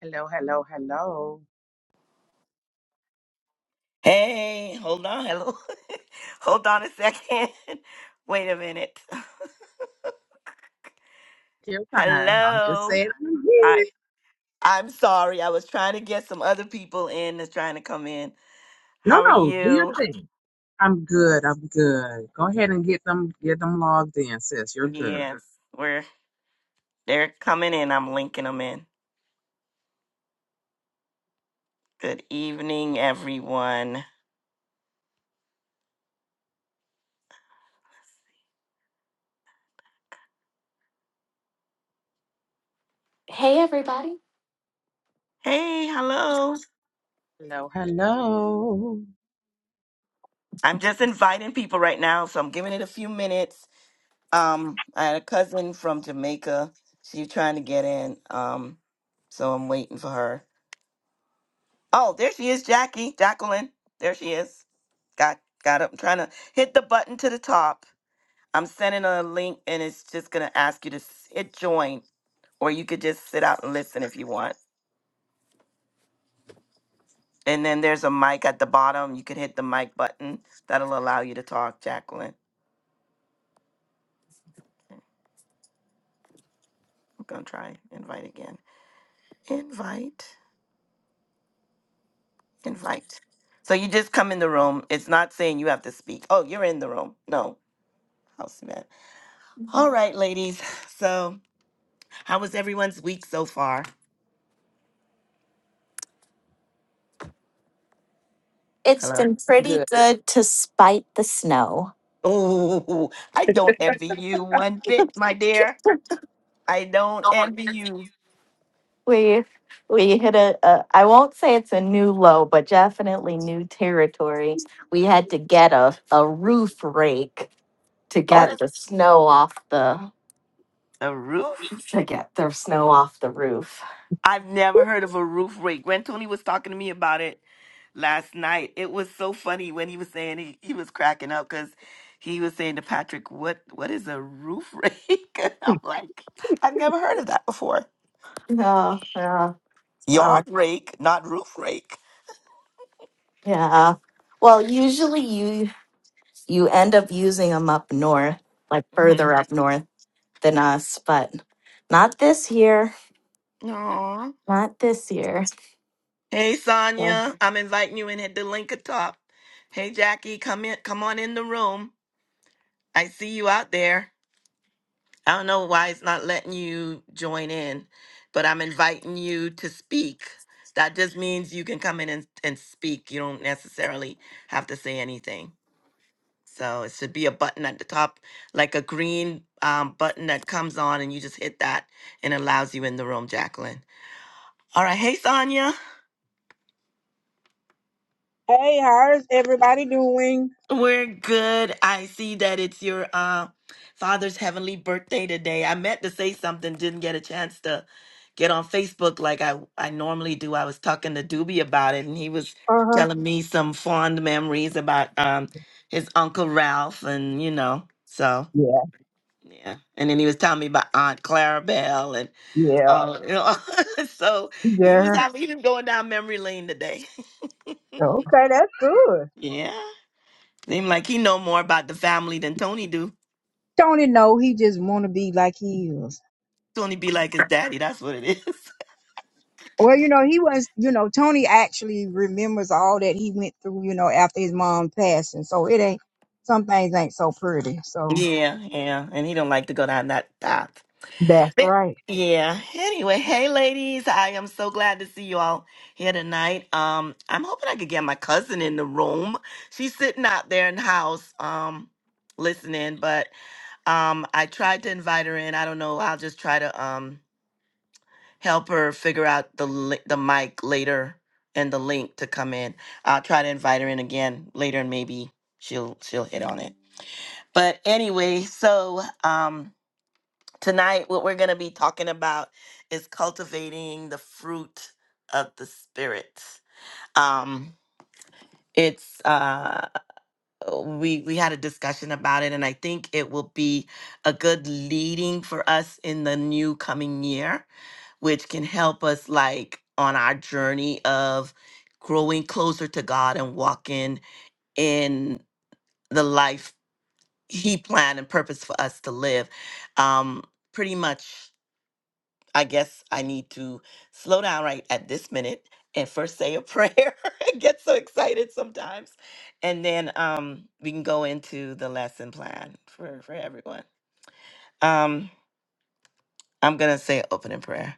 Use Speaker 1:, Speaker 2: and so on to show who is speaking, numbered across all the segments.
Speaker 1: Hello, hello, hello.
Speaker 2: Hey, hold on. Hello. hold on a second. Wait a minute.
Speaker 1: Your time. I'm just
Speaker 2: Hello.
Speaker 1: saying I'm here.
Speaker 2: Hi. I'm sorry. I was trying to get some other people in that's trying to come in.
Speaker 1: No,
Speaker 2: How are
Speaker 1: no, do your
Speaker 2: you?
Speaker 1: thing. I'm good. I'm good. Go ahead and get them get them logged in, sis. You're good.
Speaker 2: Yes. We're they're coming in. I'm linking them in. Good evening, everyone.
Speaker 3: Hey, everybody.
Speaker 2: Hey, hello.
Speaker 1: Hello, hello.
Speaker 2: I'm just inviting people right now, so I'm giving it a few minutes. Um, I had a cousin from Jamaica. She's trying to get in. Um, so I'm waiting for her. Oh, there she is, Jackie, Jacqueline. There she is. Got got up. I'm trying to hit the button to the top. I'm sending a link, and it's just gonna ask you to s- hit join, or you could just sit out and listen if you want. And then there's a mic at the bottom. You can hit the mic button. That'll allow you to talk, Jacqueline. I'm gonna try invite again. Invite. can fight. So you just come in the room. It's not saying you have to speak. Oh, you're in the room. No, house man. All right, ladies. So, how was everyone's week so far?
Speaker 3: It's
Speaker 2: Hello.
Speaker 3: been pretty
Speaker 1: Good.
Speaker 3: good to spite the snow.
Speaker 2: Oh, I don't envy you one bit, my dear. I don't envy you.
Speaker 3: We we hit a, a I won't say it's a new low, but definitely new territory. We had to get a, a roof rake to
Speaker 2: What
Speaker 1: Oh,
Speaker 3: get
Speaker 2: is
Speaker 3: the snow off the
Speaker 2: a roof?
Speaker 3: to get the snow off the roof.
Speaker 2: I've never heard of a roof rake. Gwen Tooney was talking to me about it last night. It was so funny when he was saying he, he was cracking up because he was saying to Patrick, "What what is a roof rake?" And I'm like, I've never heard of that before.
Speaker 3: Yeah, yeah, well,
Speaker 2: Yard rake, not roof rake.
Speaker 3: yeah. Well, usually you you end up using them up north, like
Speaker 2: hmm
Speaker 3: further up north. than us, but not this year.
Speaker 2: Aw.
Speaker 3: Not this year.
Speaker 2: Hey
Speaker 3: So,
Speaker 2: Sonia, I'm inviting you in at the link at top. Hey Jackie, come in, come on in the room. I see you out there. I don't know why it's not letting you join in, but I'm inviting you to speak. That just means you can come in and, and speak. You don't necessarily have to say anything. So it should be a button at the top, like a green um, button that comes on, and you just hit that and allows you in the room, Jacqueline. All right. Hey, Sonia.
Speaker 4: Hey, how's everybody doing?
Speaker 2: We're good. I see that it's your uh, father's heavenly birthday today. I meant to say something, didn't get a chance to get on Facebook like I, I normally do. I was talking to Doobie about it, and he was
Speaker 4: Uh-huh.
Speaker 2: telling me some fond memories about um, his Uncle Ralph, and you know, so
Speaker 4: Yeah,
Speaker 2: yeah. And then he was telling me about Aunt Clarabelle and
Speaker 4: yeah,
Speaker 2: all, you know. so he was
Speaker 4: yeah.
Speaker 2: having, he was going down memory lane today.
Speaker 4: Okay, that's good.
Speaker 2: yeah. Seem like he know more about the family than Tony do.
Speaker 4: Tony, no, he just want to be like he is.
Speaker 2: Tony be like his daddy. That's what it is.
Speaker 4: Well, you know, he was, you know, Tony actually remembers all that he went through, you know, after his mom passed, and so it ain't some things ain't so pretty. So
Speaker 2: yeah, yeah. And he don't like to go down that path.
Speaker 4: That's
Speaker 2: But-
Speaker 4: right.
Speaker 2: yeah. Anyway, hey ladies, I am so glad to see you all here tonight. Um, I'm hoping I could get my cousin in the room. She's sitting out there in the house, um, listening. But um, I tried to invite her in. I don't know. I'll just try to. um. help her figure out the li- the mic later and the link to come in. I'll try to invite her in again later and maybe she'll she'll hit on it. But anyway, so um tonight what we're going to be talking about is cultivating the fruit of the spirit. Um it's uh we we had a discussion about it and I think it will be a good leading for us in the new coming year which can help us like on our journey of growing closer to God and walking in the life he planned and purpose for us to live. Um pretty much I guess I need to slow down right at this minute and first say a prayer. I get so excited sometimes. And then um we can go into the lesson plan for for everyone. Um I'm going to say opening prayer.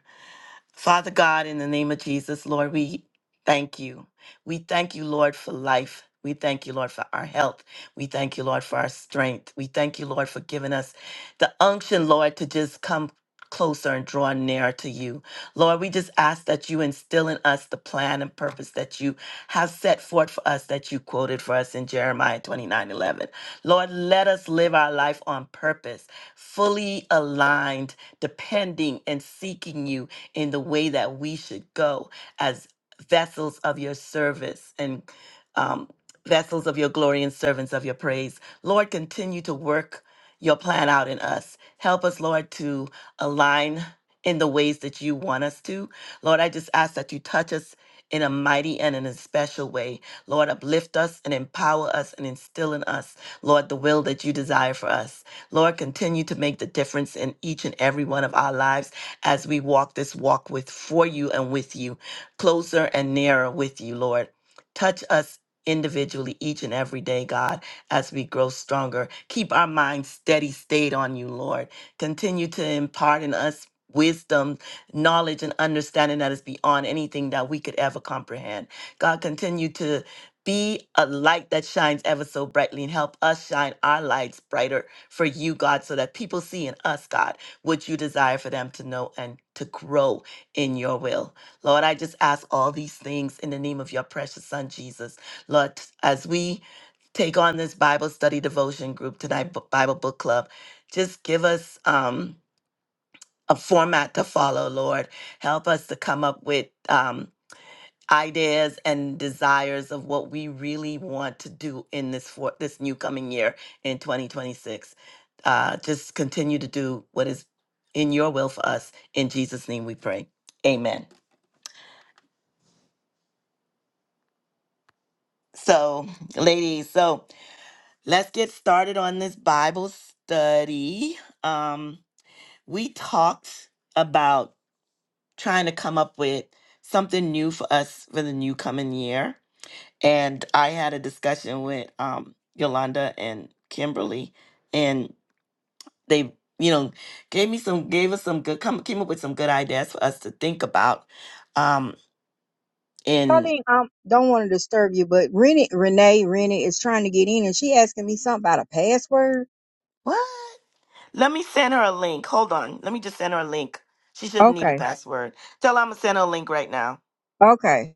Speaker 2: Father God, in the name of Jesus, Lord, we thank you. We thank you, Lord, for life. We thank you, Lord, for our health. We thank you, Lord, for our strength. We thank you, Lord, for giving us the unction, Lord, to just come closer and draw nearer to you. Lord, we just ask that you instill in us the plan and purpose that you have set forth for us that you quoted for us in Jeremiah 29 11. Lord, let us live our life on purpose, fully aligned, depending and seeking you in the way that we should go as vessels of your service and um, vessels of your glory and servants of your praise. Lord, continue to work your plan out in us. Help us, Lord, to align in the ways that you want us to. Lord, I just ask that you touch us in a mighty and in a special way. Lord, uplift us and empower us and instill in us, Lord, the will that you desire for us. Lord, continue to make the difference in each and every one of our lives as we walk this walk with for you and with you, closer and nearer with you, Lord. Touch us individually each and every day, God, as we grow stronger. Keep our minds steady, stayed on you, Lord. Continue to impart in us wisdom, knowledge, and understanding that is beyond anything that we could ever comprehend. God, continue to be a light that shines ever so brightly and help us shine our lights brighter for you, God, so that people see in us, God what you desire for them to know and to grow in your will. Lord, I just ask all these things in the name of your precious son, Jesus. Lord, t- as we take on this Bible study devotion group tonight, B- Bible book club, just give us um, a format to follow, Lord. Help us to come up with. Um, ideas and desires of what we really want to do in this for this new coming year in 2026. Uh, just continue to do what is in your will for us. In Jesus' name we pray. Amen. So, ladies, so let's get started on this Bible study. Um, we talked about trying to come up with something new for us for the new coming year and I had a discussion with um Yolanda and Kimberly, and they you know gave me some gave us some good come came up with some good ideas for us to think about. Um, and
Speaker 4: Colleen, I don't want to disturb you, but Renee, Renee, Renee is trying to get in, and she asking me something about a password.
Speaker 2: what? Let me send her a link. Hold on, let me just send her a link. She shouldn't need a Okay.
Speaker 4: Okay.
Speaker 2: password. Tell her I'm gonna send her a link right now.
Speaker 4: Okay,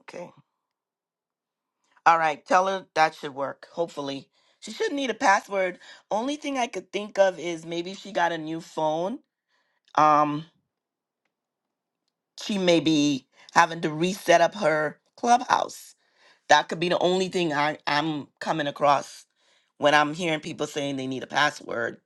Speaker 2: Okay. All right. Tell her that should work. Hopefully. She shouldn't need a password. Only thing I could think of is maybe if she got a new phone. Um, she may be having to reset up her clubhouse. That could be the only thing I, I'm coming across when I'm hearing people saying they need a password.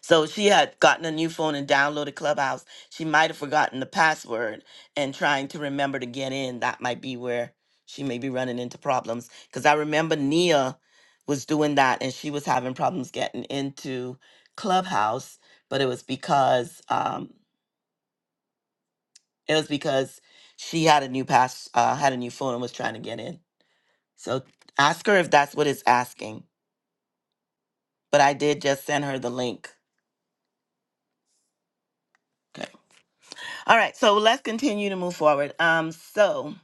Speaker 2: So she had gotten a new phone and downloaded Clubhouse. She might have forgotten the password and trying to remember to get in. That might be where she may be running into problems. Because I remember Nia was doing that and she was having problems getting into Clubhouse, but it was because um, it was because she had a new pass, uh, had a new phone and was trying to get in. So ask her if that's what it's asking. But I did just send her the link. Okay. All right. So let's continue to move forward. Um. So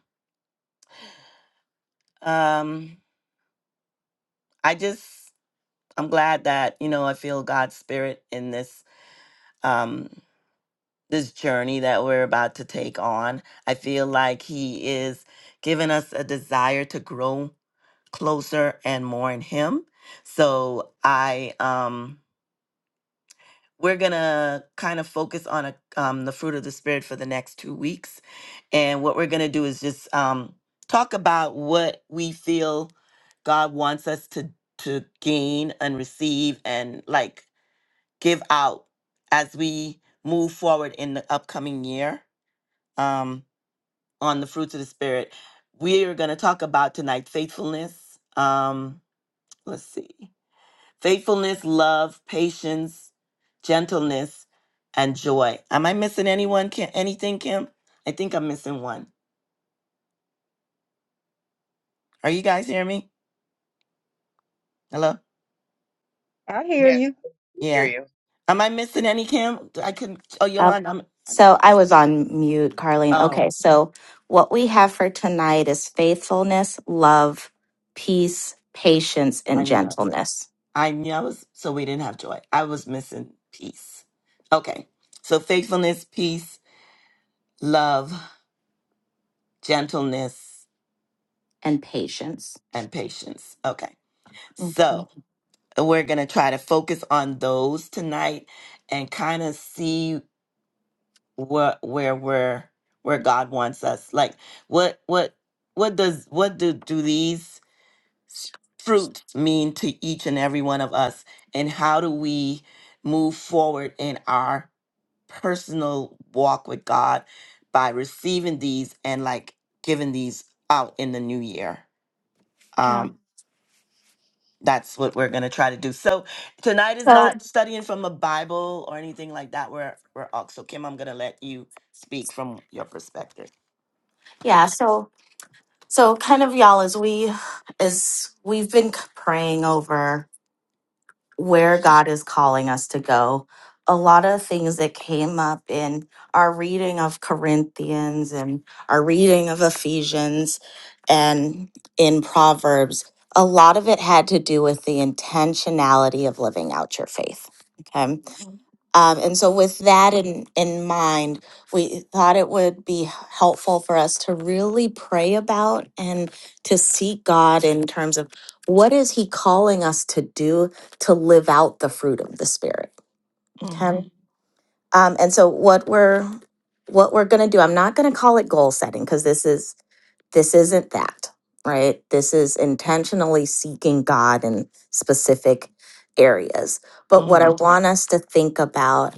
Speaker 2: um. I just I'm glad that you know I feel God's spirit in this um this journey that we're about to take on. I feel like He is giving us a desire to grow closer and more in Him. So I um we're gonna kind of focus on a, um, the fruit of the spirit for the next two weeks and what we're gonna do is just um, talk about what we feel god wants us to to gain and receive and like give out as we move forward in the upcoming year um, on the fruits of the spirit we are gonna talk about tonight faithfulness um, let's see faithfulness, love, patience, gentleness, and joy. Am I missing anyone? Kim, anything, Kim? I think I'm missing one. Are you guys hearing me? Hello?
Speaker 4: I hear
Speaker 1: yes.
Speaker 4: you.
Speaker 1: we Hear
Speaker 2: Yeah.
Speaker 1: you.
Speaker 2: Am I missing any, Kim? I couldn't. Oh,
Speaker 3: oh,
Speaker 2: Yolanda, I'm. I missed.
Speaker 3: so I was on mute, Carlene. Okay,
Speaker 2: Oh,
Speaker 3: so what we have for tonight is faithfulness, love, peace, patience,
Speaker 2: I
Speaker 3: and
Speaker 2: knew. I was-
Speaker 3: gentleness,
Speaker 2: I knew I was. So we didn't have joy. I was missing peace. Okay. So faithfulness, peace, love, gentleness,
Speaker 3: and patience.
Speaker 2: and patience. Okay. So.
Speaker 3: Okay.
Speaker 2: And we're going to try to focus on those tonight and kind of see what where we're where God wants us. Like what what what does what do do these s- fruits mean to each and every one of us and how do we move forward in our personal walk with God by receiving these and like giving these out in the new year.
Speaker 3: Yeah.
Speaker 2: Um, that's what we're going to try to do. So tonight is
Speaker 3: So
Speaker 2: not studying from a Bible or anything like that. We're we're all so Kim, I'm going to let you speak from your perspective.
Speaker 3: yeah. So so kind of y'all as we as we've been praying over. where God is calling us to go. A lot of things that came up in our reading of Corinthians and our reading of Ephesians and in Proverbs, a lot of it had to do with the intentionality of living out your faith. Okay. Um, and so, with that in, in mind, we thought it would be helpful for us to really pray about and to seek God in terms of what is He calling us to do to live out the fruit of the Spirit. Okay.
Speaker 2: hmm
Speaker 3: Um, and so what we're what we're going to do, I'm not going to call it goal setting because this is this isn't that, right? This is intentionally seeking God in specific areas. But what I
Speaker 2: hmm
Speaker 3: Mhm. want us to think about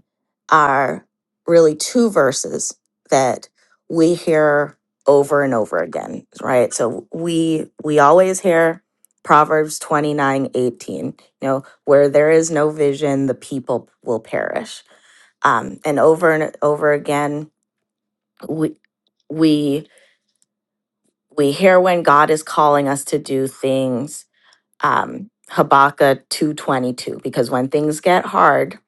Speaker 3: are really two verses that we hear over and over again, right? So we we always hear Proverbs 29 18, you know, where there is no vision, the people will perish um, and over and over again we we we hear when god is calling us to do things um, habakkuk 222 because when things get hard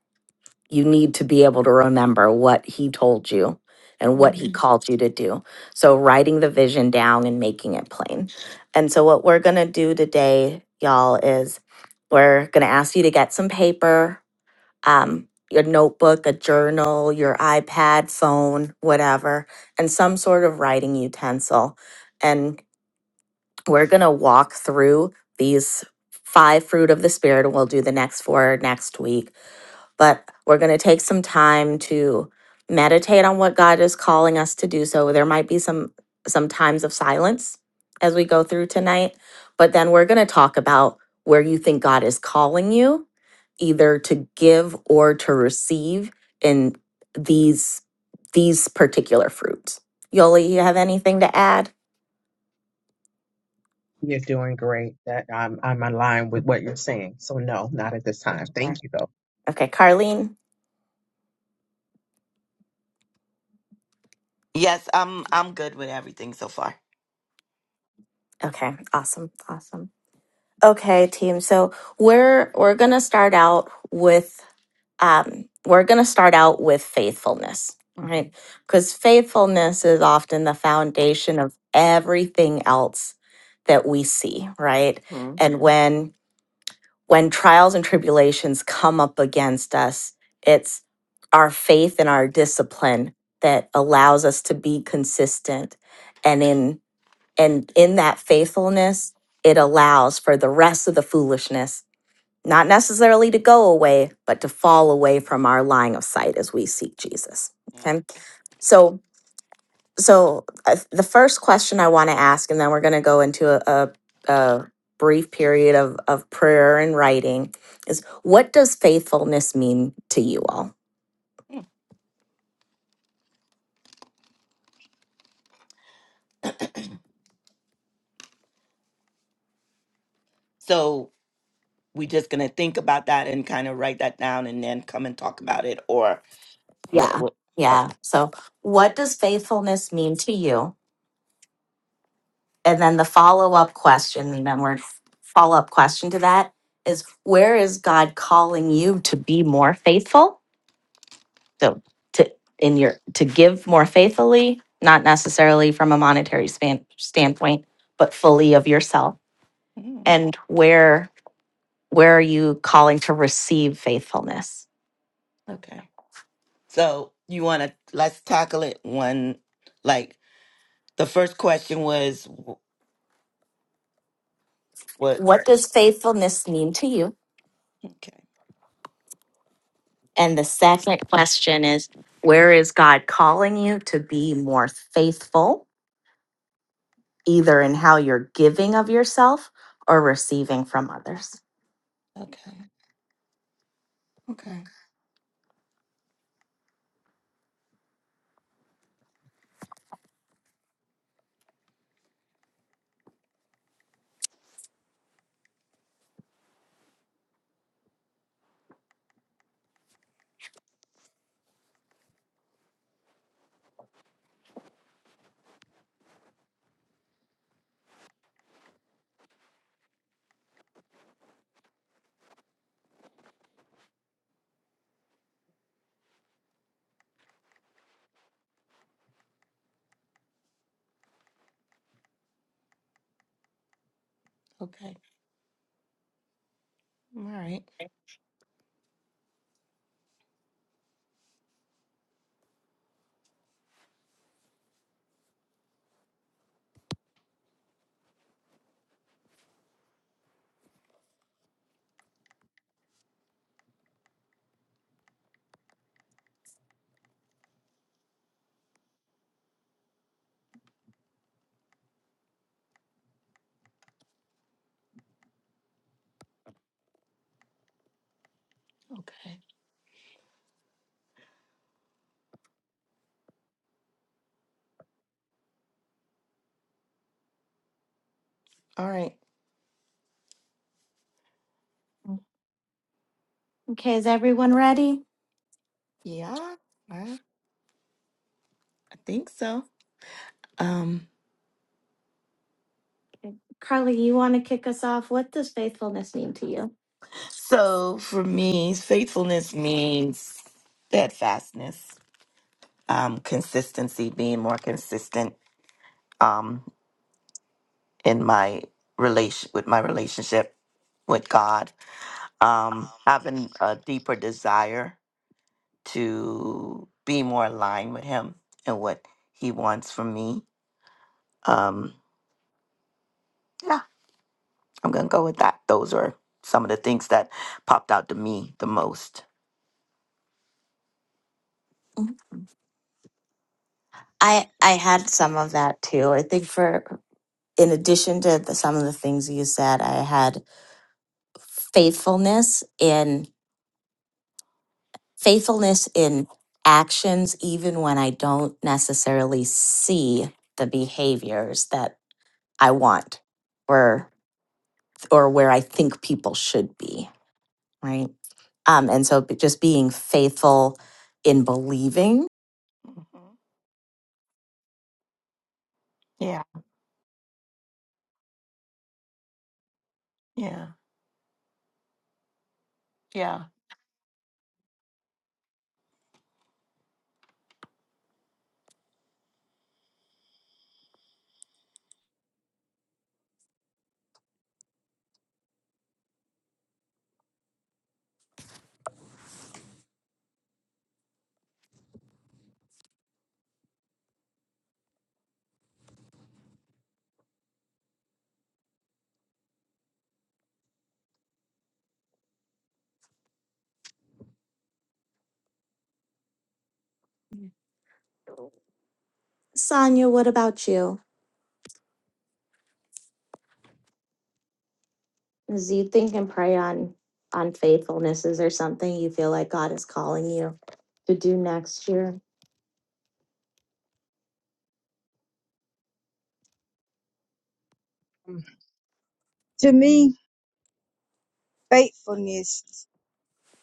Speaker 3: you need to be able to remember what he told you and what he Mhm. called you to do so writing the vision down and making it plain and so what we're going to do today y'all is we're going to ask you to get some paper um, your notebook, a journal, your iPad, phone, whatever, and some sort of writing utensil. And we're going to walk through these five fruit of the Spirit, and we'll do the next four next week but we're going to take some time to meditate on what God is calling us to do. So there might be some some times of silence as we go through tonight, but then we're going to talk about where you think God is calling you either to give or to receive in these these particular fruits. Yoli, you have anything to add?
Speaker 1: You're doing great. That I'm I'm aligned with what you're saying. So no, not at this time.
Speaker 3: Sure.
Speaker 1: Thank you though.
Speaker 3: Okay, Carlene.
Speaker 2: Yes, I'm I'm good with everything so far.
Speaker 3: Okay, awesome. Awesome. Okay, team. So, we're we're going to start out with um, we're going to start out with faithfulness, right?
Speaker 2: hmm
Speaker 3: Because faithfulness is often the foundation of everything else that we see, right? And when when trials and tribulations come up against us, it's our faith and our discipline that allows us to be consistent and in and in that faithfulness it allows for the rest of the foolishness not necessarily to go away, but to fall away from our line of sight as we seek Jesus. Okay. So, so uh, the first question I want to ask, and then we're going to go into a, a, a brief period of, of prayer and writing, is what does faithfulness mean to you all?
Speaker 2: Mm. So we're just going to think about that and kind of write that down and then come and talk about it or what
Speaker 3: Yeah.
Speaker 2: what okay.
Speaker 3: Yeah. So, what does faithfulness mean to you? And then the follow up question, and then we're follow up question to that is where is God calling you to be more faithful? So to in your to give more faithfully, not necessarily from a monetary span, standpoint, but fully of yourself.
Speaker 2: Mm,
Speaker 3: And where where are you calling to receive faithfulness?
Speaker 2: okay. So you want to let's tackle it one like the first question was wh- what?
Speaker 3: What does faithfulness mean to you?
Speaker 2: Okay.
Speaker 3: And the second question is where is God calling you to be more faithful, either in how you're giving of yourself or receiving from others?
Speaker 2: Okay. Okay. Okay. All right. Okay. All right.
Speaker 3: Okay, is everyone ready?
Speaker 2: Yeah. I, I think so. Um
Speaker 3: Carly, you want to kick us off? What does faithfulness mean to you?
Speaker 2: so for me, faithfulness means steadfastness, um, consistency, being more consistent um in my relation with my relationship with God. Um having a deeper desire to be more aligned with him and what he wants from me. Um yeah. I'm gonna go with that. Those are some of the things that popped out to me the most.
Speaker 3: I I had some of that too. I think for in addition to the, some of the things you said, I had faithfulness in. faithfulness in actions, even when I don't necessarily see the behaviors that I want or or where I think people should be, right? Um, and so b- just being faithful in believing.
Speaker 2: Mhm. Yeah, yeah, yeah.
Speaker 3: Sonia, what about you? As you think and pray on on faithfulness, is there something you feel like God is calling you to do next year?
Speaker 4: To me. faithfulness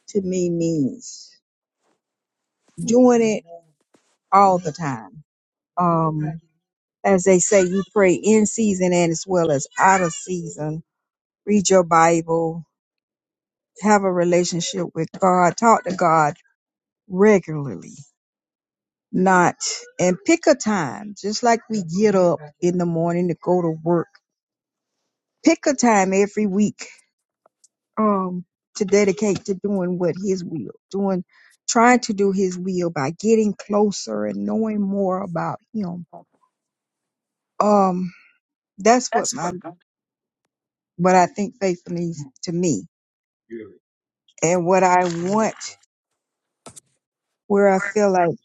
Speaker 4: to me means doing it all the time. Um, as they say, you pray in season and as well as out of season. Read your Bible, have a relationship with God, talk to God regularly, not, and pick a time, just like we get up in the morning to go to work. Pick a time every week um to dedicate to doing what his will doing trying to do his will by getting closer and knowing more about him um that's what my what i think faith means to me and what i want where i feel like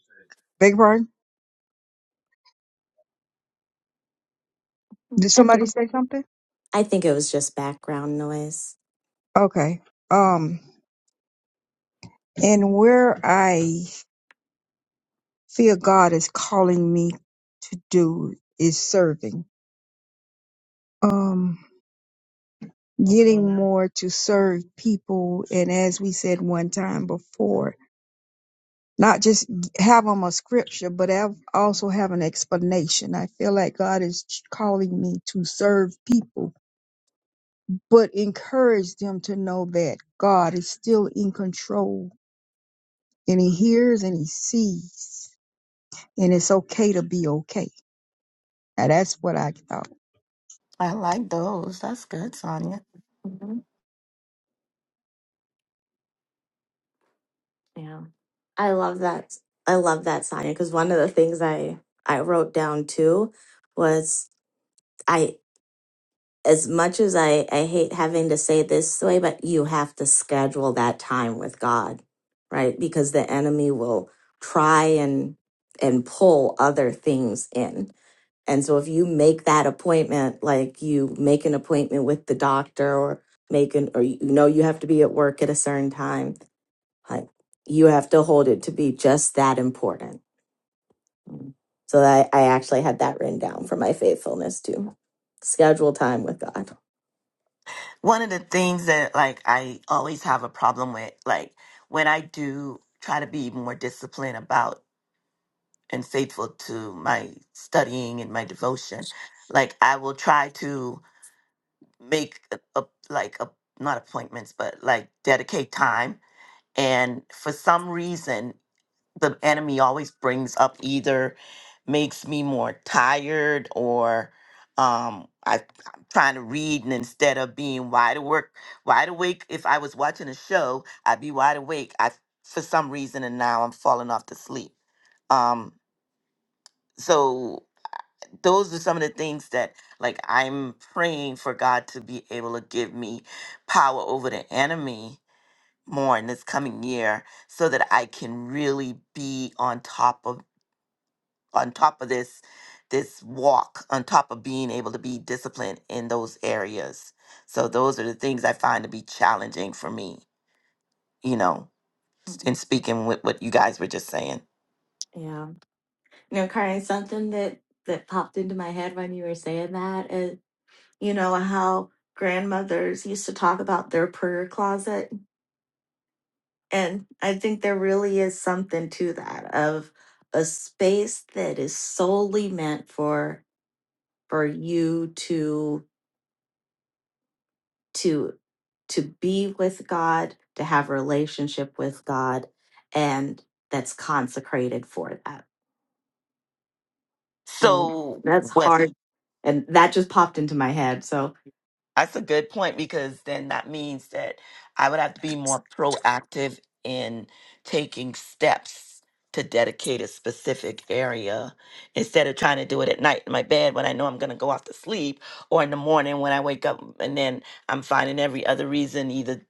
Speaker 4: beg your pardon did
Speaker 3: I think
Speaker 4: somebody say something
Speaker 3: I think it was just background noise.
Speaker 4: okay um and where i feel god is calling me to do is serving um getting more to serve people. And as we said one time before, not just have them a scripture, but have, also have an explanation. I feel like God is ch- calling me to serve people, but encourage them to know that God is still in control and He hears and He sees. And it's okay to be okay. Now that's what I thought.
Speaker 2: I like those. That's good, Sonia.
Speaker 3: Yeah. I love that. I love that, Sonia, because one of the things I I wrote down too was I as much as I I hate having to say this way, but you have to schedule that time with God, right? Because the enemy will try and and pull other things in. And so if you make that appointment, like you make an appointment with the doctor or make an or you know you have to be at work at a certain time I- you have to hold it to be just that important. So I, I actually had that written down for my faithfulness to schedule time with God.
Speaker 2: One of the things that like I always have a problem with, like when I do try to be more disciplined about and faithful to my studying and my devotion like i will try to make a, a, like a, not appointments but like dedicate time and for some reason the enemy always brings up either makes me more tired or um I, i'm trying to read and instead of being wide awake wide awake if i was watching a show i'd be wide awake i for some reason and now i'm falling off to sleep um so those are some of the things that like I'm praying for God to be able to give me power over the enemy more in this coming year so that I can really be on top of on top of this this walk on top of being able to be disciplined in those areas. So those are the things I find to be challenging for me, you know, s- in speaking with what you guys were just saying.
Speaker 3: Yeah. You know, Karen, something that that popped into my head when you were saying that is, you know, how grandmothers used to talk about their prayer closet. And I think there really is something to that of a space that is solely meant for for you to to to be with God, to have a relationship with God, and that's consecrated for that. Mm,
Speaker 2: So,
Speaker 3: That's
Speaker 2: with
Speaker 3: hard. And that just popped into my head. So
Speaker 2: that's a good point because then that means that I would have to be more proactive in taking steps to dedicate a specific area instead of trying to do it at night in my bed when I know I'm going to go off to sleep or in the morning when I wake up and then I'm finding every other reason either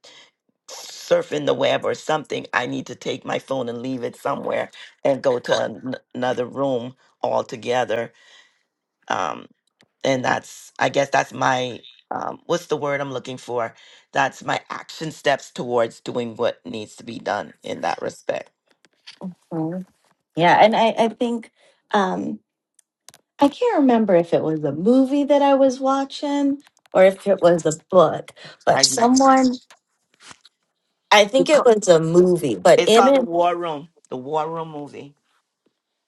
Speaker 2: surfing the web or something I need to take my phone and leave it somewhere and go to an- another room altogether um, and that's i guess that's my um, what's the word i'm looking for that's my action steps towards doing what needs to be done in that respect
Speaker 3: Mm. yeah, and I, I think um I can't remember if it was a movie that I was watching or if it was a book, but
Speaker 2: I,
Speaker 3: someone I think
Speaker 2: it's,
Speaker 3: it
Speaker 2: called,
Speaker 3: was a movie, but
Speaker 2: it's
Speaker 3: in
Speaker 2: called
Speaker 3: it
Speaker 2: the war room the war room movie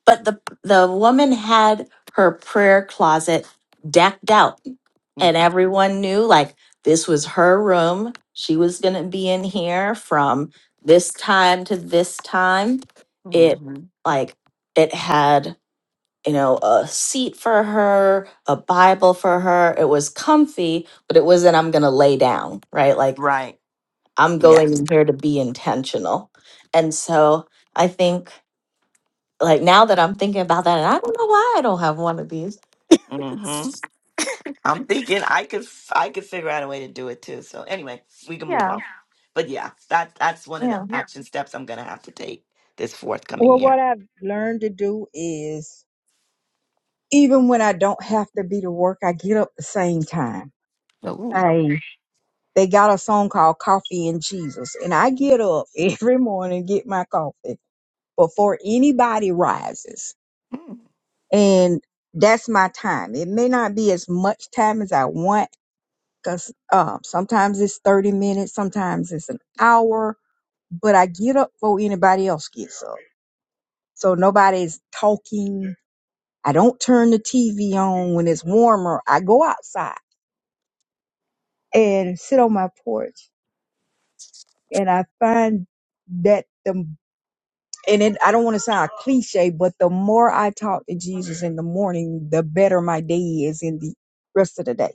Speaker 3: But the the woman had her prayer closet decked out and
Speaker 2: mm-hmm.
Speaker 3: everyone knew like this was her room. She was going to be in here from this time to this time. It
Speaker 2: Mm-hmm.
Speaker 3: like it had, you know, a seat for her, a Bible for her. It was comfy, but it wasn't I'm going to lay down, right? Like
Speaker 2: right
Speaker 3: I'm
Speaker 2: Yeah.
Speaker 3: going in here to be intentional. And so I think like now that I'm thinking about that, and I don't know why I don't have one of these.
Speaker 2: mm-hmm. i'm thinking i could I could figure out a way to do it too so anyway we can move
Speaker 3: Yeah,
Speaker 2: on Yeah. but yeah that that's one of the
Speaker 3: yeah.
Speaker 2: Yeah.
Speaker 4: What
Speaker 2: action steps i'm gonna have to take this forthcoming
Speaker 4: well, what
Speaker 2: year
Speaker 4: I've learned to do is even when I don't have to be to work, I get up the same time.
Speaker 2: Ooh.
Speaker 4: I they got a song called Coffee and Jesus, and I get up every morning, get my coffee before anybody rises.
Speaker 2: Mm.
Speaker 4: and that's my time. It may not be as much time as I want because uh, sometimes it's 30 minutes, sometimes it's an hour, but I get up before anybody else gets up. So nobody's talking. I don't turn the TV on when it's warmer. I go outside and sit on my porch and I find that the and it, I don't want to sound cliche, but the more I talk to Jesus in the morning, the better my day is in the rest of the day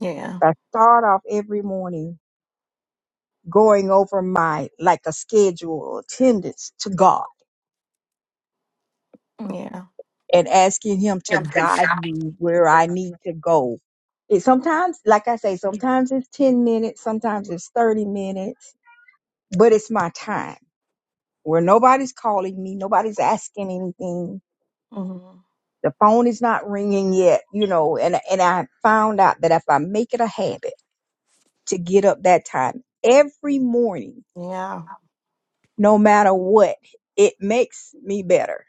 Speaker 2: yeah
Speaker 4: I start off every morning going over my like a schedule attendance to God
Speaker 2: yeah
Speaker 4: and asking him to guide me where I need to go. It sometimes, like I say, sometimes it's 10 minutes, sometimes it's 30 minutes, but it's my time where nobody's calling me, nobody's asking anything.
Speaker 2: hmm
Speaker 4: The phone is not ringing yet, you know, and, and I found out that if I make it a habit to get up that time every morning,
Speaker 2: yeah
Speaker 4: no matter what. It makes me better.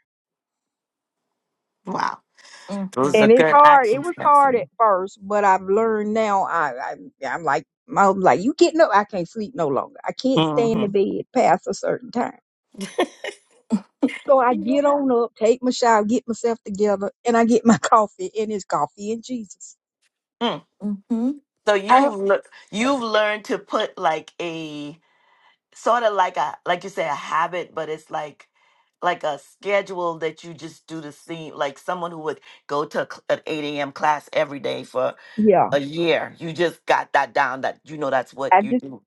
Speaker 2: Wow,
Speaker 3: Mm-hmm.
Speaker 2: those are
Speaker 4: And it's
Speaker 2: good
Speaker 4: hard. It
Speaker 2: action
Speaker 4: was
Speaker 2: steps.
Speaker 4: hard at first, but I've learned now. I, I I'm like my husband like you getting up. I can't sleep no longer. I can't stay in the
Speaker 2: Mm-hmm.
Speaker 4: bed past a certain time. So I get
Speaker 2: Yeah.
Speaker 4: on up, take my shower, get myself together, and I get my coffee, and it's coffee and Jesus.
Speaker 2: Mm.
Speaker 3: Mm-hmm.
Speaker 2: So
Speaker 3: I
Speaker 2: you've le-
Speaker 1: Love
Speaker 2: you've
Speaker 1: it.
Speaker 2: learned to put like a sort of like a like you say a habit, but it's like like a schedule that you just do the same. Like someone who would go to a cl- an eight a.m. class every day for
Speaker 4: Yeah,
Speaker 2: a year. You just got that down. That you know that's what
Speaker 4: I
Speaker 2: you
Speaker 4: just
Speaker 2: do.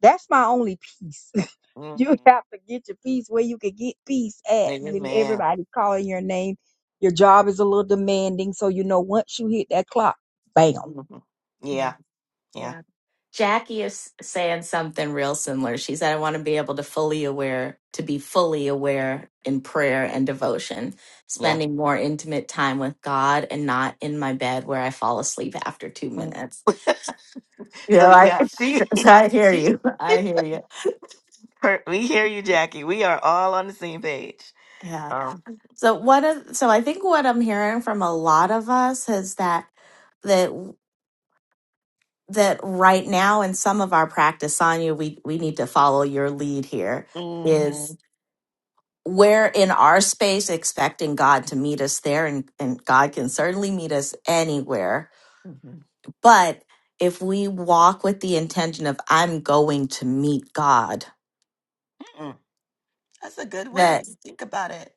Speaker 4: that's my only peace.
Speaker 2: Mm.
Speaker 4: You have to get your peace where you can get peace at when
Speaker 2: Amen.
Speaker 4: everybody's calling your name. Your job is a little demanding, so you know once you hit that clock, bam.
Speaker 2: hmm
Speaker 3: yeah,
Speaker 2: Yeah. Yeah.
Speaker 3: yeah. Jackie is saying something real similar. She said, "I want to be able to fully aware, to be fully aware in prayer and devotion,
Speaker 2: Yeah.
Speaker 3: spending more intimate time with God, and not in my bed where I fall asleep after two
Speaker 2: Mm.
Speaker 3: minutes." You
Speaker 2: so
Speaker 3: know, I,
Speaker 2: yeah, she.
Speaker 3: so I hear you. I hear you.
Speaker 2: Per- We hear you, Jackie. We are all on the same page.
Speaker 3: Yeah.
Speaker 2: Um,
Speaker 3: So what of so I think what I'm hearing from a lot of us is that that that right now in some of our practice, Sonia, we we need to follow your lead here. Is
Speaker 2: mhm,
Speaker 3: we're in our space expecting God to meet us there, and, and God can certainly meet us anywhere.
Speaker 2: mhm.
Speaker 3: But if we walk with the intention of I'm going to meet God,
Speaker 2: Mm, That's a good
Speaker 3: that
Speaker 2: way to think about it.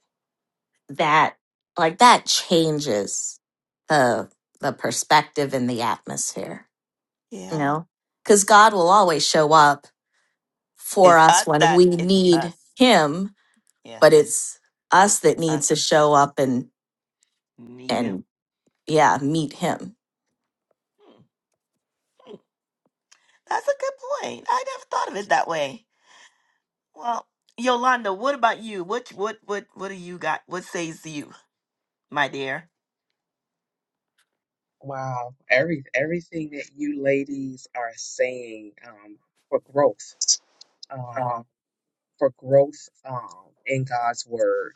Speaker 3: that like that changes the the perspective and the atmosphere. you
Speaker 2: Yeah.
Speaker 3: know because god will always show up for
Speaker 2: It's
Speaker 3: us
Speaker 2: us
Speaker 3: when we
Speaker 2: that, it's
Speaker 3: need
Speaker 2: us.
Speaker 3: him
Speaker 2: Yeah,
Speaker 3: but it's us
Speaker 2: it's
Speaker 3: that needs to
Speaker 2: us.
Speaker 3: show up and
Speaker 2: Need him.
Speaker 3: and yeah meet him
Speaker 2: Mm, That's a good point. I never thought of it that way. Well, Yolanda, what about you? What, what, what, what do you got? What says you, my dear?
Speaker 1: Wow. Every everything that you ladies are saying um for growth. Um for growth um in God's word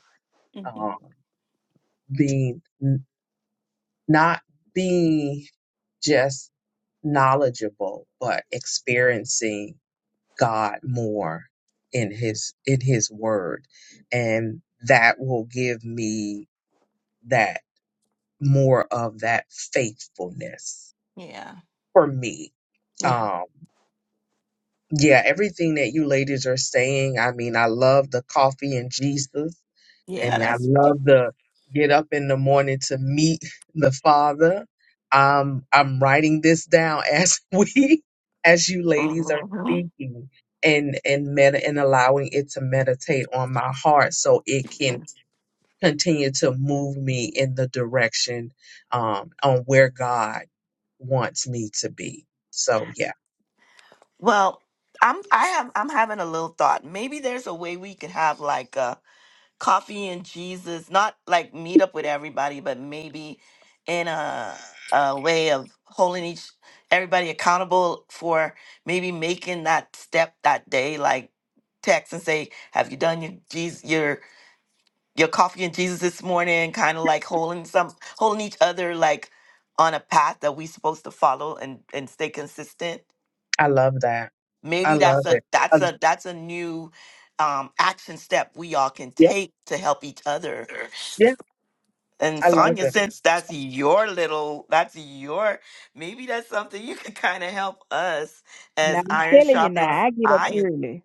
Speaker 2: hmm
Speaker 1: um, being n- not being just knowledgeable, but experiencing God more in His in His Word, and that will give me that more of that faithfulness
Speaker 2: Yeah,
Speaker 1: for me.
Speaker 2: yeah,
Speaker 1: Um, yeah, everything that you ladies are saying. I mean, I love the coffee and Jesus.
Speaker 2: yeah.
Speaker 1: And I
Speaker 2: That's
Speaker 1: love the get up in the morning to meet the Father. Um, I'm writing this down as we, as you ladies are
Speaker 2: Mhm.
Speaker 1: speaking and and meta and allowing it to meditate on my heart so it can continue to move me in the direction um on where God wants me to be. So yeah,
Speaker 2: well. I'm I have I'm having a little thought. Maybe there's a way we could have like a coffee and Jesus, not like meet up with everybody, but maybe in a a way of holding each everybody accountable for maybe making that step that day, like text and say, "Have you done your Jesus your your coffee and Jesus this morning?" Kind of like holding some holding each other like on a path that we supposed to follow and and stay consistent.
Speaker 1: I love that. I
Speaker 2: Maybe
Speaker 1: love
Speaker 2: that's
Speaker 1: it.
Speaker 2: a that's
Speaker 1: Um,
Speaker 2: a that's a new um, action step we all can
Speaker 1: yeah,
Speaker 2: take to help each other
Speaker 1: yeah,
Speaker 2: And
Speaker 1: I love
Speaker 2: Sonya,
Speaker 1: it.
Speaker 2: since that's your little, that's your, maybe that's something you could kind of help us
Speaker 4: Now
Speaker 2: as
Speaker 4: I'm
Speaker 2: iron
Speaker 4: telling you
Speaker 2: sharpens
Speaker 4: now, I get up
Speaker 2: iron.
Speaker 4: early.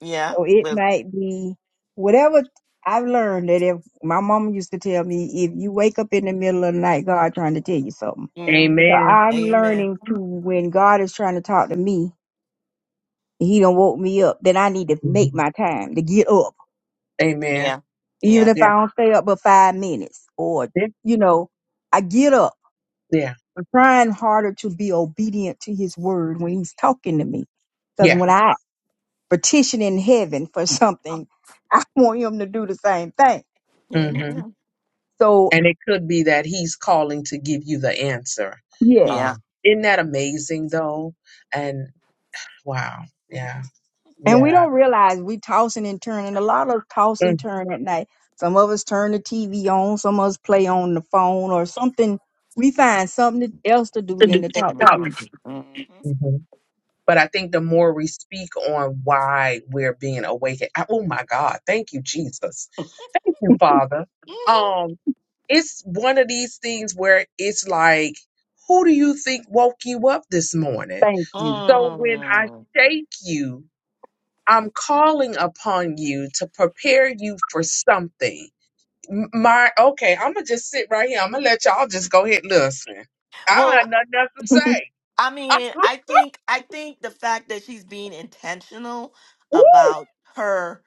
Speaker 2: Yeah.
Speaker 4: So it
Speaker 2: With,
Speaker 4: might be whatever I've learned that if my mama used to tell me, if you wake up in the middle of the night, God trying to tell you something.
Speaker 2: hmm
Speaker 4: So
Speaker 1: Amen.
Speaker 4: I'm
Speaker 2: Amen.
Speaker 4: learning to when God is trying to talk to me, and he don't woke me up, then I need to make
Speaker 1: Mhm.
Speaker 4: my time to get up
Speaker 1: Amen.
Speaker 2: Yeah.
Speaker 4: even
Speaker 2: Yeah.
Speaker 4: if I
Speaker 1: Yeah.
Speaker 4: don't stay up but five minutes, or
Speaker 1: yeah.
Speaker 4: you know, I get up.
Speaker 1: Yeah.
Speaker 4: I'm trying harder to be obedient to His word when He's talking to me, because
Speaker 1: Yeah.
Speaker 4: when
Speaker 2: hmm
Speaker 4: I petition in heaven for something, I want Him to do the same thing.
Speaker 1: hmm
Speaker 2: Amen.
Speaker 4: So
Speaker 1: And it could be that he's calling to give you the answer.
Speaker 4: yeah,
Speaker 2: Yeah.
Speaker 1: Um, isn't that amazing though? And wow. Yeah.
Speaker 4: and we
Speaker 1: Yeah.
Speaker 4: don't realize we tossing and turning. A lot of us toss and turn at night. Some of us turn the TV on. Some of us play on the phone or something. We find something else to do than to talk to Jesus.
Speaker 2: Mm-hmm.
Speaker 1: Mm-hmm. But I think the more we speak on why we're being awakened, I- oh my God, thank you, Jesus. Thank you, Father. Um, it's one of these things where it's like, who do you think woke you up this morning?
Speaker 4: Thank you.
Speaker 1: So when I
Speaker 2: Mm.
Speaker 1: shake you, I'm calling upon you to prepare you for something. M- My okay, I'm gonna just sit right here. I'm gonna let y'all just go ahead and listen. I don't
Speaker 2: Well,
Speaker 1: have nothing else to say.
Speaker 2: I mean, I think I think the fact that she's being intentional
Speaker 1: Woo!
Speaker 2: about her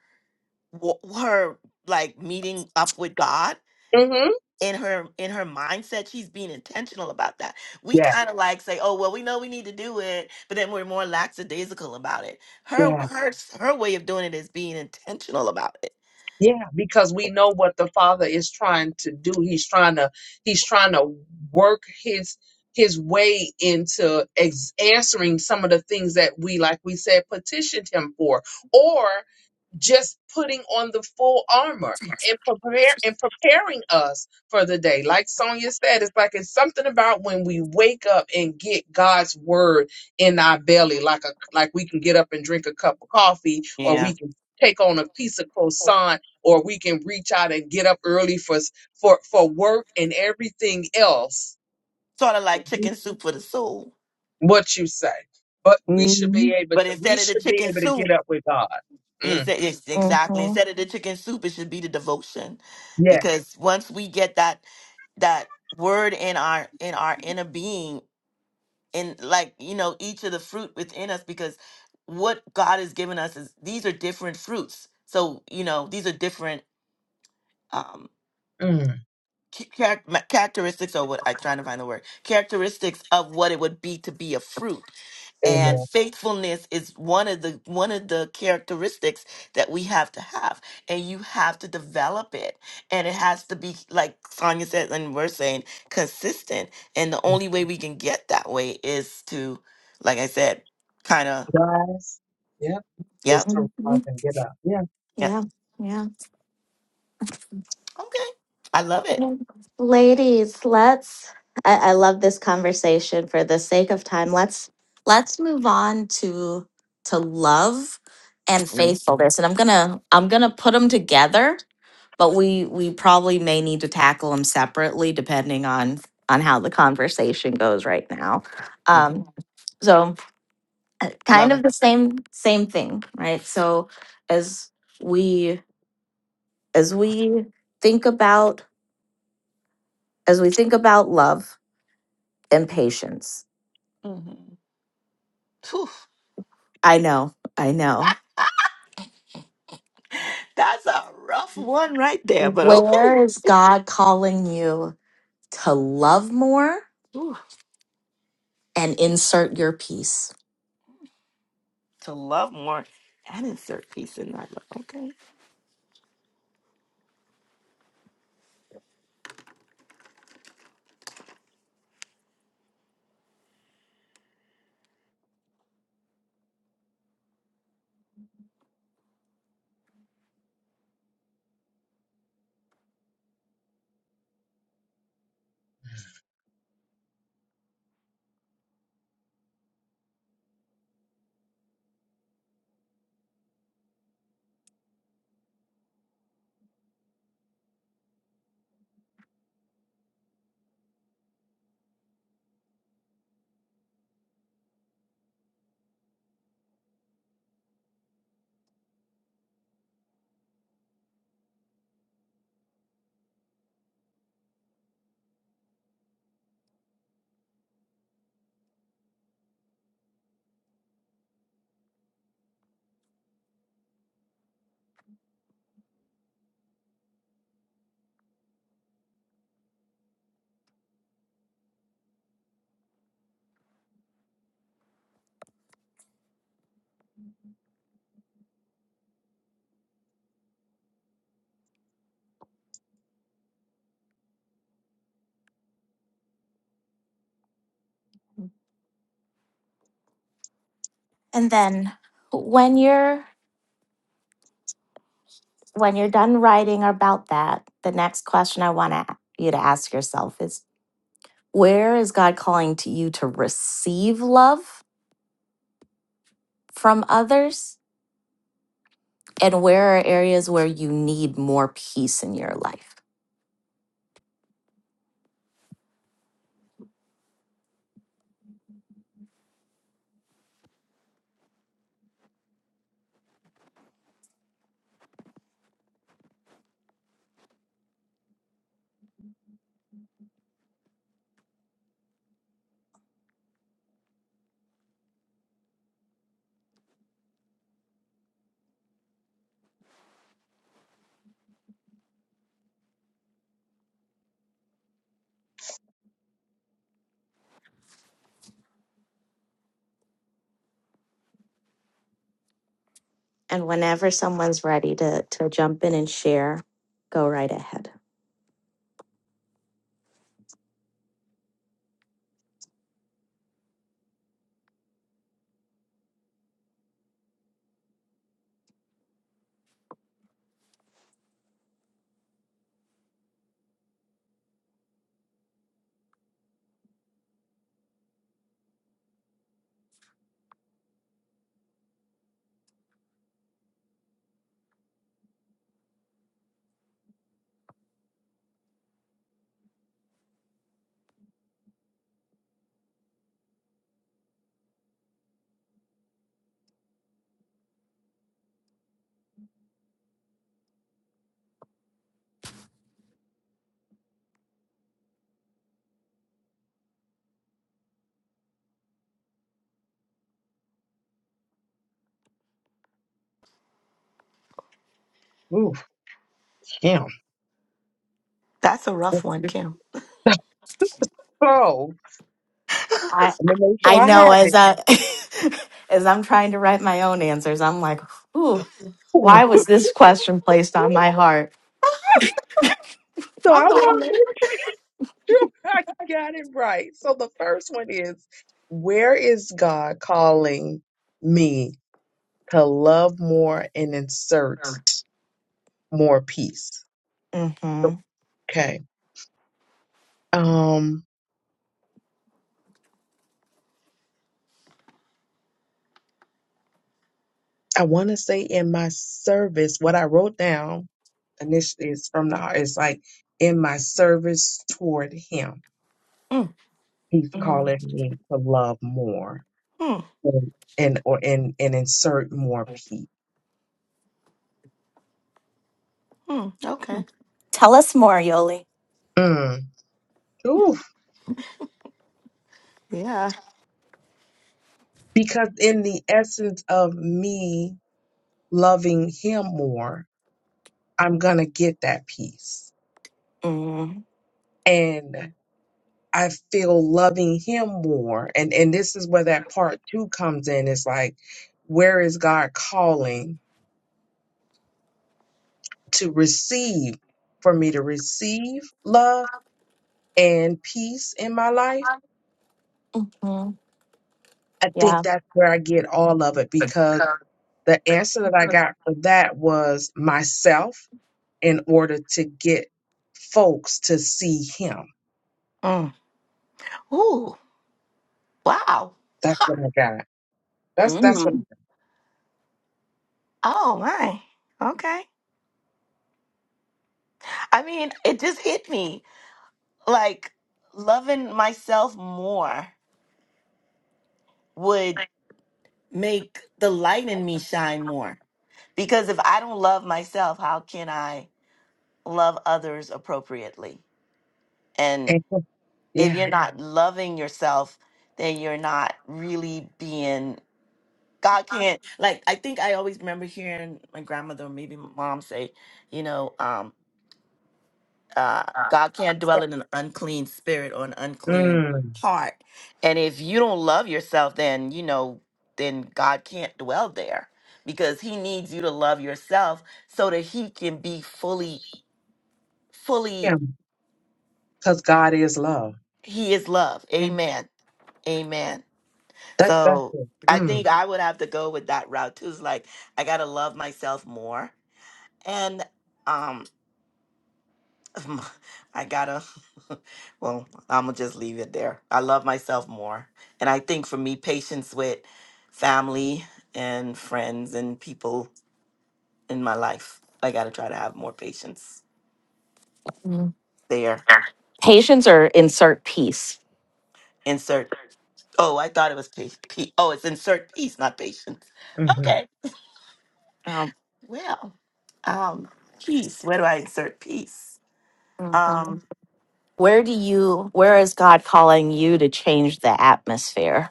Speaker 2: wa- her like meeting up with God
Speaker 1: Mm-hmm.
Speaker 2: in her in her mindset she's being intentional about that we
Speaker 1: Yeah,
Speaker 2: kind of like say oh well we know we need to do it but then we're more lackadaisical about it her
Speaker 1: yeah,
Speaker 2: her her way of doing it is being intentional about it
Speaker 1: yeah. Because we know what the Father is trying to do. He's trying to he's trying to work his his way into ex- answering some of the things that we, like we said, petitioned him for, Or. just putting on the full armor and prepare and preparing us for the day. Like Sonia said, it's like it's something about when we wake up and get God's word in our belly, like a like we can get up and drink a cup of coffee, or
Speaker 2: Yeah.
Speaker 1: we can take on a piece of croissant, or we can reach out and get up early for s- for for work and everything else.
Speaker 2: sort of like
Speaker 1: Mhm.
Speaker 2: chicken soup for the soul
Speaker 1: What you say. But we should
Speaker 4: Mm-hmm.
Speaker 1: be able
Speaker 2: but
Speaker 1: to we
Speaker 2: instead of the
Speaker 1: should be
Speaker 2: chicken
Speaker 1: able to get
Speaker 2: soup
Speaker 1: up with God. Mm.
Speaker 2: instead it's exactly
Speaker 3: mm-hmm.
Speaker 2: instead of the chicken soup it should be the devotion
Speaker 1: Yeah.
Speaker 2: because once we get that that word in our in our inner being and like you know each of the fruit within us because what god has given us is these are different fruits so you know these are different um
Speaker 1: Mm.
Speaker 2: cha- charac- ma- characteristics or what i'm trying to find the word characteristics of what it would be to be a fruit and
Speaker 1: Amen.
Speaker 2: faithfulness is one of the one of the characteristics that we have to have and you have to develop it and it has to be like sonia said and we're saying consistent and the only way we can get that way is to like i said kind of
Speaker 1: Guys, yep, it's
Speaker 2: yep
Speaker 1: time to
Speaker 3: hmm
Speaker 1: up and get up. Yeah,
Speaker 2: yep
Speaker 3: yeah yeah
Speaker 2: okay i love it
Speaker 3: Yeah. ladies let's I, I love this conversation for the sake of time let's let's move on to to love and
Speaker 2: mm-hmm.
Speaker 3: faithfulness and i'm gonna i'm gonna put them together but we we probably may need to tackle them separately depending on on how the conversation goes right now
Speaker 2: Mm-hmm.
Speaker 3: um so uh, kind
Speaker 2: love it
Speaker 3: of the same same thing right so as we as we think about as we think about love and patience
Speaker 2: hmm
Speaker 3: i know i know
Speaker 2: that's a rough one right there but okay
Speaker 3: where is god calling you to love more
Speaker 2: Whew.
Speaker 3: and insert your peace
Speaker 2: to love more and insert peace in that love okay
Speaker 3: and then when you're when you're done writing about that, the next question I want to, you to ask yourself is where is God calling to you to receive love from others? And where are areas where you need more peace in your life? And whenever someone's ready to, to jump in and share, go right ahead.
Speaker 1: ooh, damn.
Speaker 2: That's a rough one, Kim.
Speaker 1: So,
Speaker 3: I
Speaker 1: I'm gonna make sure
Speaker 3: I
Speaker 1: I
Speaker 3: know
Speaker 1: have
Speaker 3: as
Speaker 1: it.
Speaker 3: I as I'm trying to write my own answers, I'm like, ooh,
Speaker 1: Ooh.
Speaker 3: why was this question placed on my heart?
Speaker 1: So, I
Speaker 2: I'm like,
Speaker 1: want to
Speaker 2: really?
Speaker 1: make sure I got it right. So, the first one is Where is God calling me to love more and insert more peace?
Speaker 3: hmm
Speaker 1: Okay. Um, I want to say in my service, what I wrote down initially is from the heart. It's like in my service toward Him
Speaker 2: Mm,
Speaker 1: He's calling me to love more
Speaker 2: mm,
Speaker 1: and and or and, and insert more peace.
Speaker 2: mm, okay.
Speaker 3: Tell us more, Yoli.
Speaker 1: Mm. Oof.
Speaker 2: Yeah.
Speaker 1: Because in the essence of me loving him more, I'm gonna get that peace. And I feel loving him more. And and this is where that part two comes in. It's like, where is God calling to receive for me to receive love and peace in my life?
Speaker 3: Mm,
Speaker 1: I think
Speaker 3: yeah.
Speaker 1: that's where I get all of it because the answer that I got for that was myself in order to get folks to see him.
Speaker 2: Mm. Ooh, wow.
Speaker 1: That's what I got. That's that's what.
Speaker 3: Mm.
Speaker 2: Oh my. Okay. I mean, it just hit me. Like loving myself more would make the light in me shine more. Because if I don't love myself, how can I love others appropriately? And
Speaker 1: And,
Speaker 2: if
Speaker 1: yeah.
Speaker 2: you're not Yeah. loving yourself, then you're not really being God can't. Like I think I always remember hearing my grandmother or maybe my mom say, you know, um, uh, God can't dwell in an unclean spirit or an unclean
Speaker 1: Mm.
Speaker 2: heart. And if you don't love yourself, then you know, then God can't dwell there because He needs you to love yourself so that He can be fully,
Speaker 1: Yeah.
Speaker 2: fully.
Speaker 1: Because God is love.
Speaker 2: He is love. Amen. Amen.
Speaker 1: That that's
Speaker 2: So
Speaker 1: it.
Speaker 2: I
Speaker 1: Mm.
Speaker 2: think I would have to go with that route too. It's like I gotta love myself more and. Um, I gotta, well, I'm gonna just leave it there. I love myself more. And I think for me, patience with family and friends and people in my life, I gotta try to have more patience
Speaker 3: Mm,
Speaker 2: there.
Speaker 3: Patience or insert peace.
Speaker 2: Insert, oh, I thought it was peace. P- oh, it's insert peace, not patience.
Speaker 1: Mm-hmm.
Speaker 2: Okay, well, um, peace. Where do I insert peace?
Speaker 3: mhm.
Speaker 2: Um,
Speaker 3: Where do you? Where is God calling you to change the atmosphere?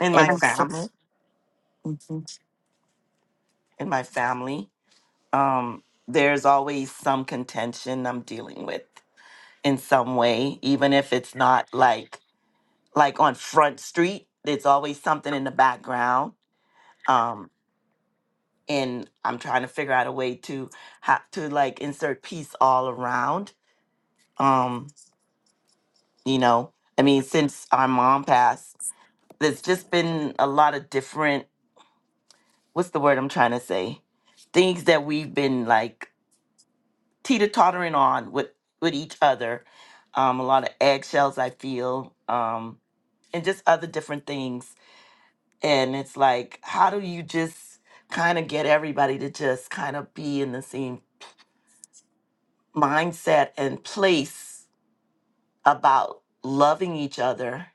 Speaker 2: in
Speaker 3: And
Speaker 2: my
Speaker 3: it's,
Speaker 2: family,
Speaker 3: Mhm.
Speaker 2: in my family, um, there's always some contention I'm dealing with in some way, even if it's not like like on Front Street. There's always something in the background. Um, and I'm trying to figure out a way to have to like insert peace all around. Um, you know, I mean, since our mom passed, there's just been a lot of different what's the word I'm trying to say? Things that we've been like teeter tottering on with with each other. Um, a lot of eggshells I feel. Um, and just other different things and it's like how do you just kind of get everybody to just kind of be in the same mindset and place about loving each other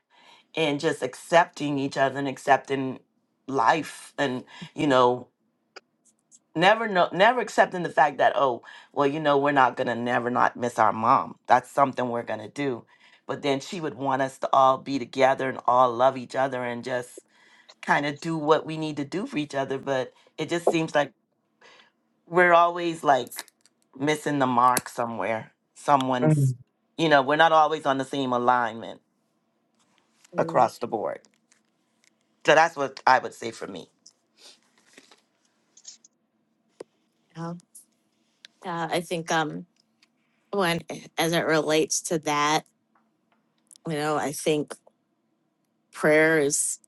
Speaker 2: and just accepting each other and accepting life and you know never know never accepting the fact that oh well you know we're not gonna never not miss our mom that's something we're gonna do but then she would want us to all be together and all love each other and just kind of do what we need to do for each other but it just seems like we're always like missing the mark somewhere. Someone's,
Speaker 1: Mm.
Speaker 2: you know, we're not always on the same alignment
Speaker 3: Mm,
Speaker 2: across the board. So that's what I would say for me.
Speaker 3: Yeah. Yeah. I think um when as it relates to that, you know, I think prayer is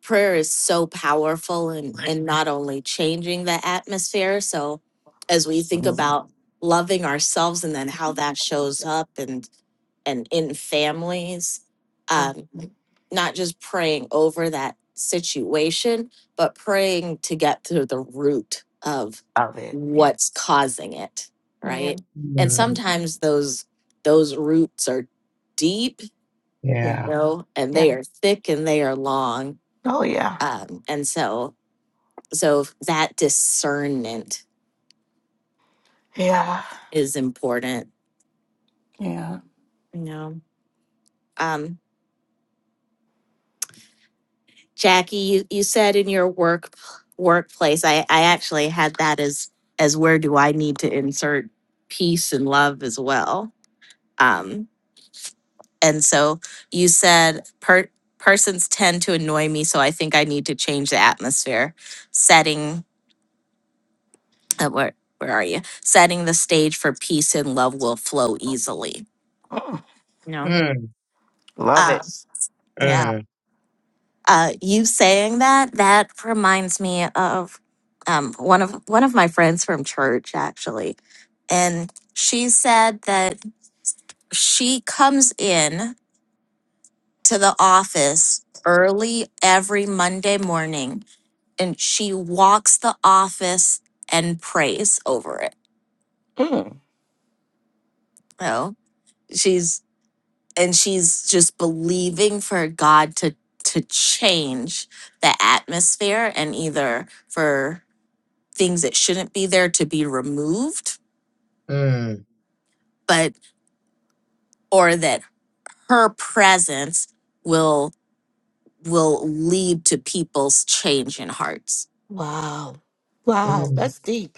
Speaker 3: prayer is so powerful in
Speaker 2: Right.
Speaker 3: in not only changing the atmosphere, so as we think
Speaker 2: Mhm.
Speaker 3: about loving ourselves and then how that shows up and. and in families, um,
Speaker 2: Love
Speaker 3: not just praying over that situation, but praying to get to the root of
Speaker 2: it.
Speaker 3: what's causing it,
Speaker 2: Yeah.
Speaker 3: right? And
Speaker 1: Mm.
Speaker 3: sometimes those those roots are deep,
Speaker 1: Yeah.
Speaker 3: you know, and
Speaker 2: Yeah.
Speaker 3: they are thick and they are long.
Speaker 2: Oh yeah.
Speaker 3: Um, and so so that discernment
Speaker 2: Yeah.
Speaker 3: is important,
Speaker 2: Yeah.
Speaker 3: you know. Um, Jackie, you, you said in your work workplace, I, I actually had that as as where do I need to insert peace and love as well. Um, and so you said per, persons tend to annoy me, so I think I need to change the atmosphere. Setting uh, where where are you? Setting the stage for peace and love will flow easily. You know.
Speaker 1: Mm.
Speaker 2: Love it.
Speaker 3: Um, yeah.
Speaker 1: Mm.
Speaker 3: Uh, you saying that that reminds me of um, one of one of my friends from church actually, and she said that she comes in to the office early every Monday morning, and she walks the office and prays over it.
Speaker 2: Mm.
Speaker 3: You know, she's and she's just believing for God to to change the atmosphere and either for things that shouldn't be there to be removed
Speaker 1: Mm.
Speaker 3: but or that her presence will will lead to people's change in hearts
Speaker 2: Wow.
Speaker 3: Um,
Speaker 2: Wow.
Speaker 1: Mm.
Speaker 2: That's deep.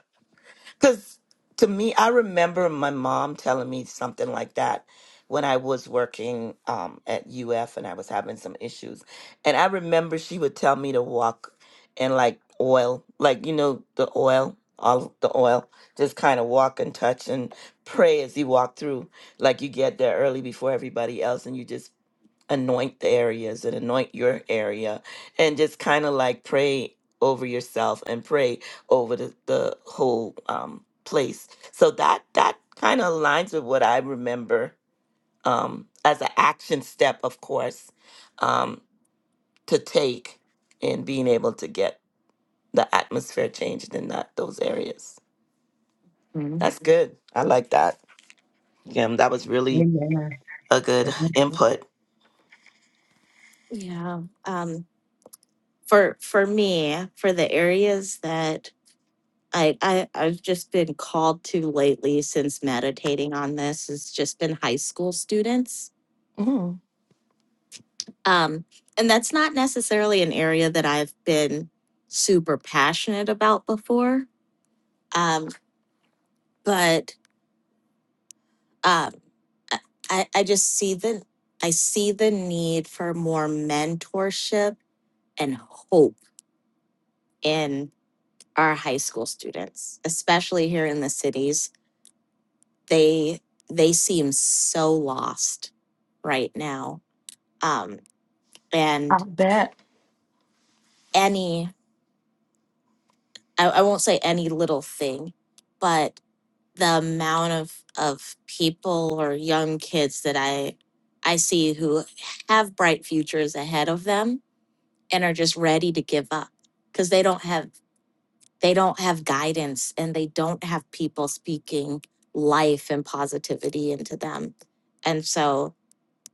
Speaker 2: Because to me, I remember my mom telling me something like that when I was working um, at UF and I was having some issues. And I remember she would tell me to walk in like oil, like, you know, the oil, all the oil, just kind of walk and touch and pray as you walk through. Like you get there early before everybody else and you just anoint the areas and anoint your area and just kind of like pray over yourself and pray over the, the whole um, place so that that kind of aligns with what i remember um, as an action step of course um, to take in being able to get the atmosphere changed in that those areas
Speaker 3: mm.
Speaker 2: that's good i like that yeah that was really
Speaker 1: Amen.
Speaker 2: a good
Speaker 1: Amen.
Speaker 2: input
Speaker 3: Yeah. Um, for for me, for the areas that I, I I've just been called to lately since meditating on this has just been high school students.
Speaker 2: mm,
Speaker 3: Um, and that's not necessarily an area that I've been super passionate about before. Um, but um, I, I I just see the I see the need for more mentorship and hope in our high school students, especially here in the cities. They they seem so lost right now. Um,
Speaker 2: i
Speaker 3: and
Speaker 2: bet
Speaker 3: any I, I won't say any little thing, but the amount of of people or young kids that I I see who have bright futures ahead of them and are just ready to give up because they don't have they don't have guidance and they don't have people speaking life and positivity into them and so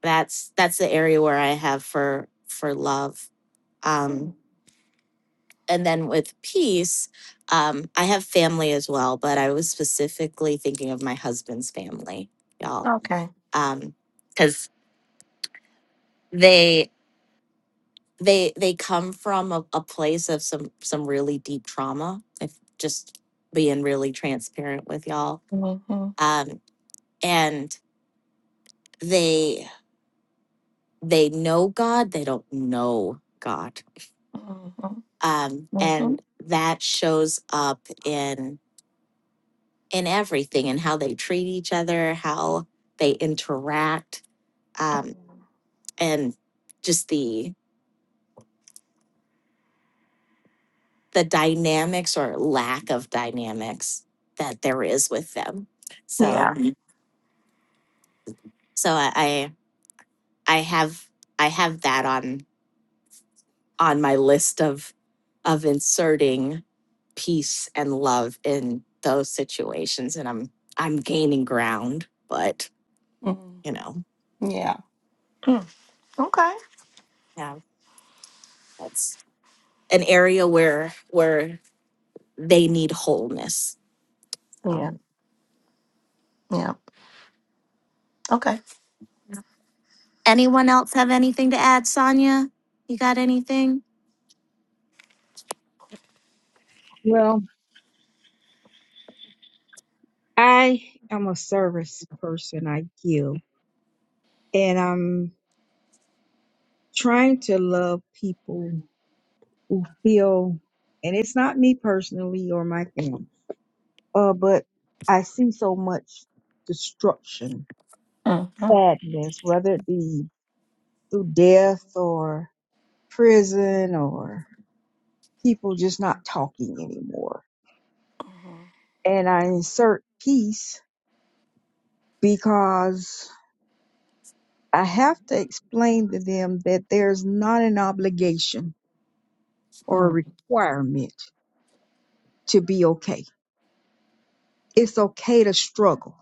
Speaker 3: that's that's the area where i have for for love um and then with peace um i have family as well but i was specifically thinking of my husband's family y'all
Speaker 2: okay
Speaker 3: because they. they they come from a, a place of some some really deep trauma if just being really transparent with y'all
Speaker 2: hmm
Speaker 3: um and they they know god they don't know god um
Speaker 2: hmm
Speaker 3: and that shows up in in everything and how they treat each other how they interact um and just the the dynamics or lack of dynamics that there is with them
Speaker 2: Yeah.
Speaker 3: so So I, I I have I have that on on my list of of inserting peace and love in those situations and I'm I'm gaining ground, but
Speaker 2: Mm,
Speaker 3: you know,
Speaker 2: yeah. Mm. Okay.
Speaker 3: yeah, that's an area where where they need wholeness. So
Speaker 2: Yeah. Yeah. Okay.
Speaker 3: anyone else have anything to add, Sonia? You got anything?
Speaker 4: Well, I am a service person. I give. And I'm trying to love people who feel, and it's not me personally or my family, uh, but I see so much destruction,
Speaker 2: Mm-hmm.
Speaker 4: sadness, whether it be through death or prison or people just not talking anymore.
Speaker 2: hmm
Speaker 4: And I insert peace because I have to explain to them that there's not an obligation or
Speaker 2: Mm.
Speaker 4: a requirement to be okay. It's okay to struggle.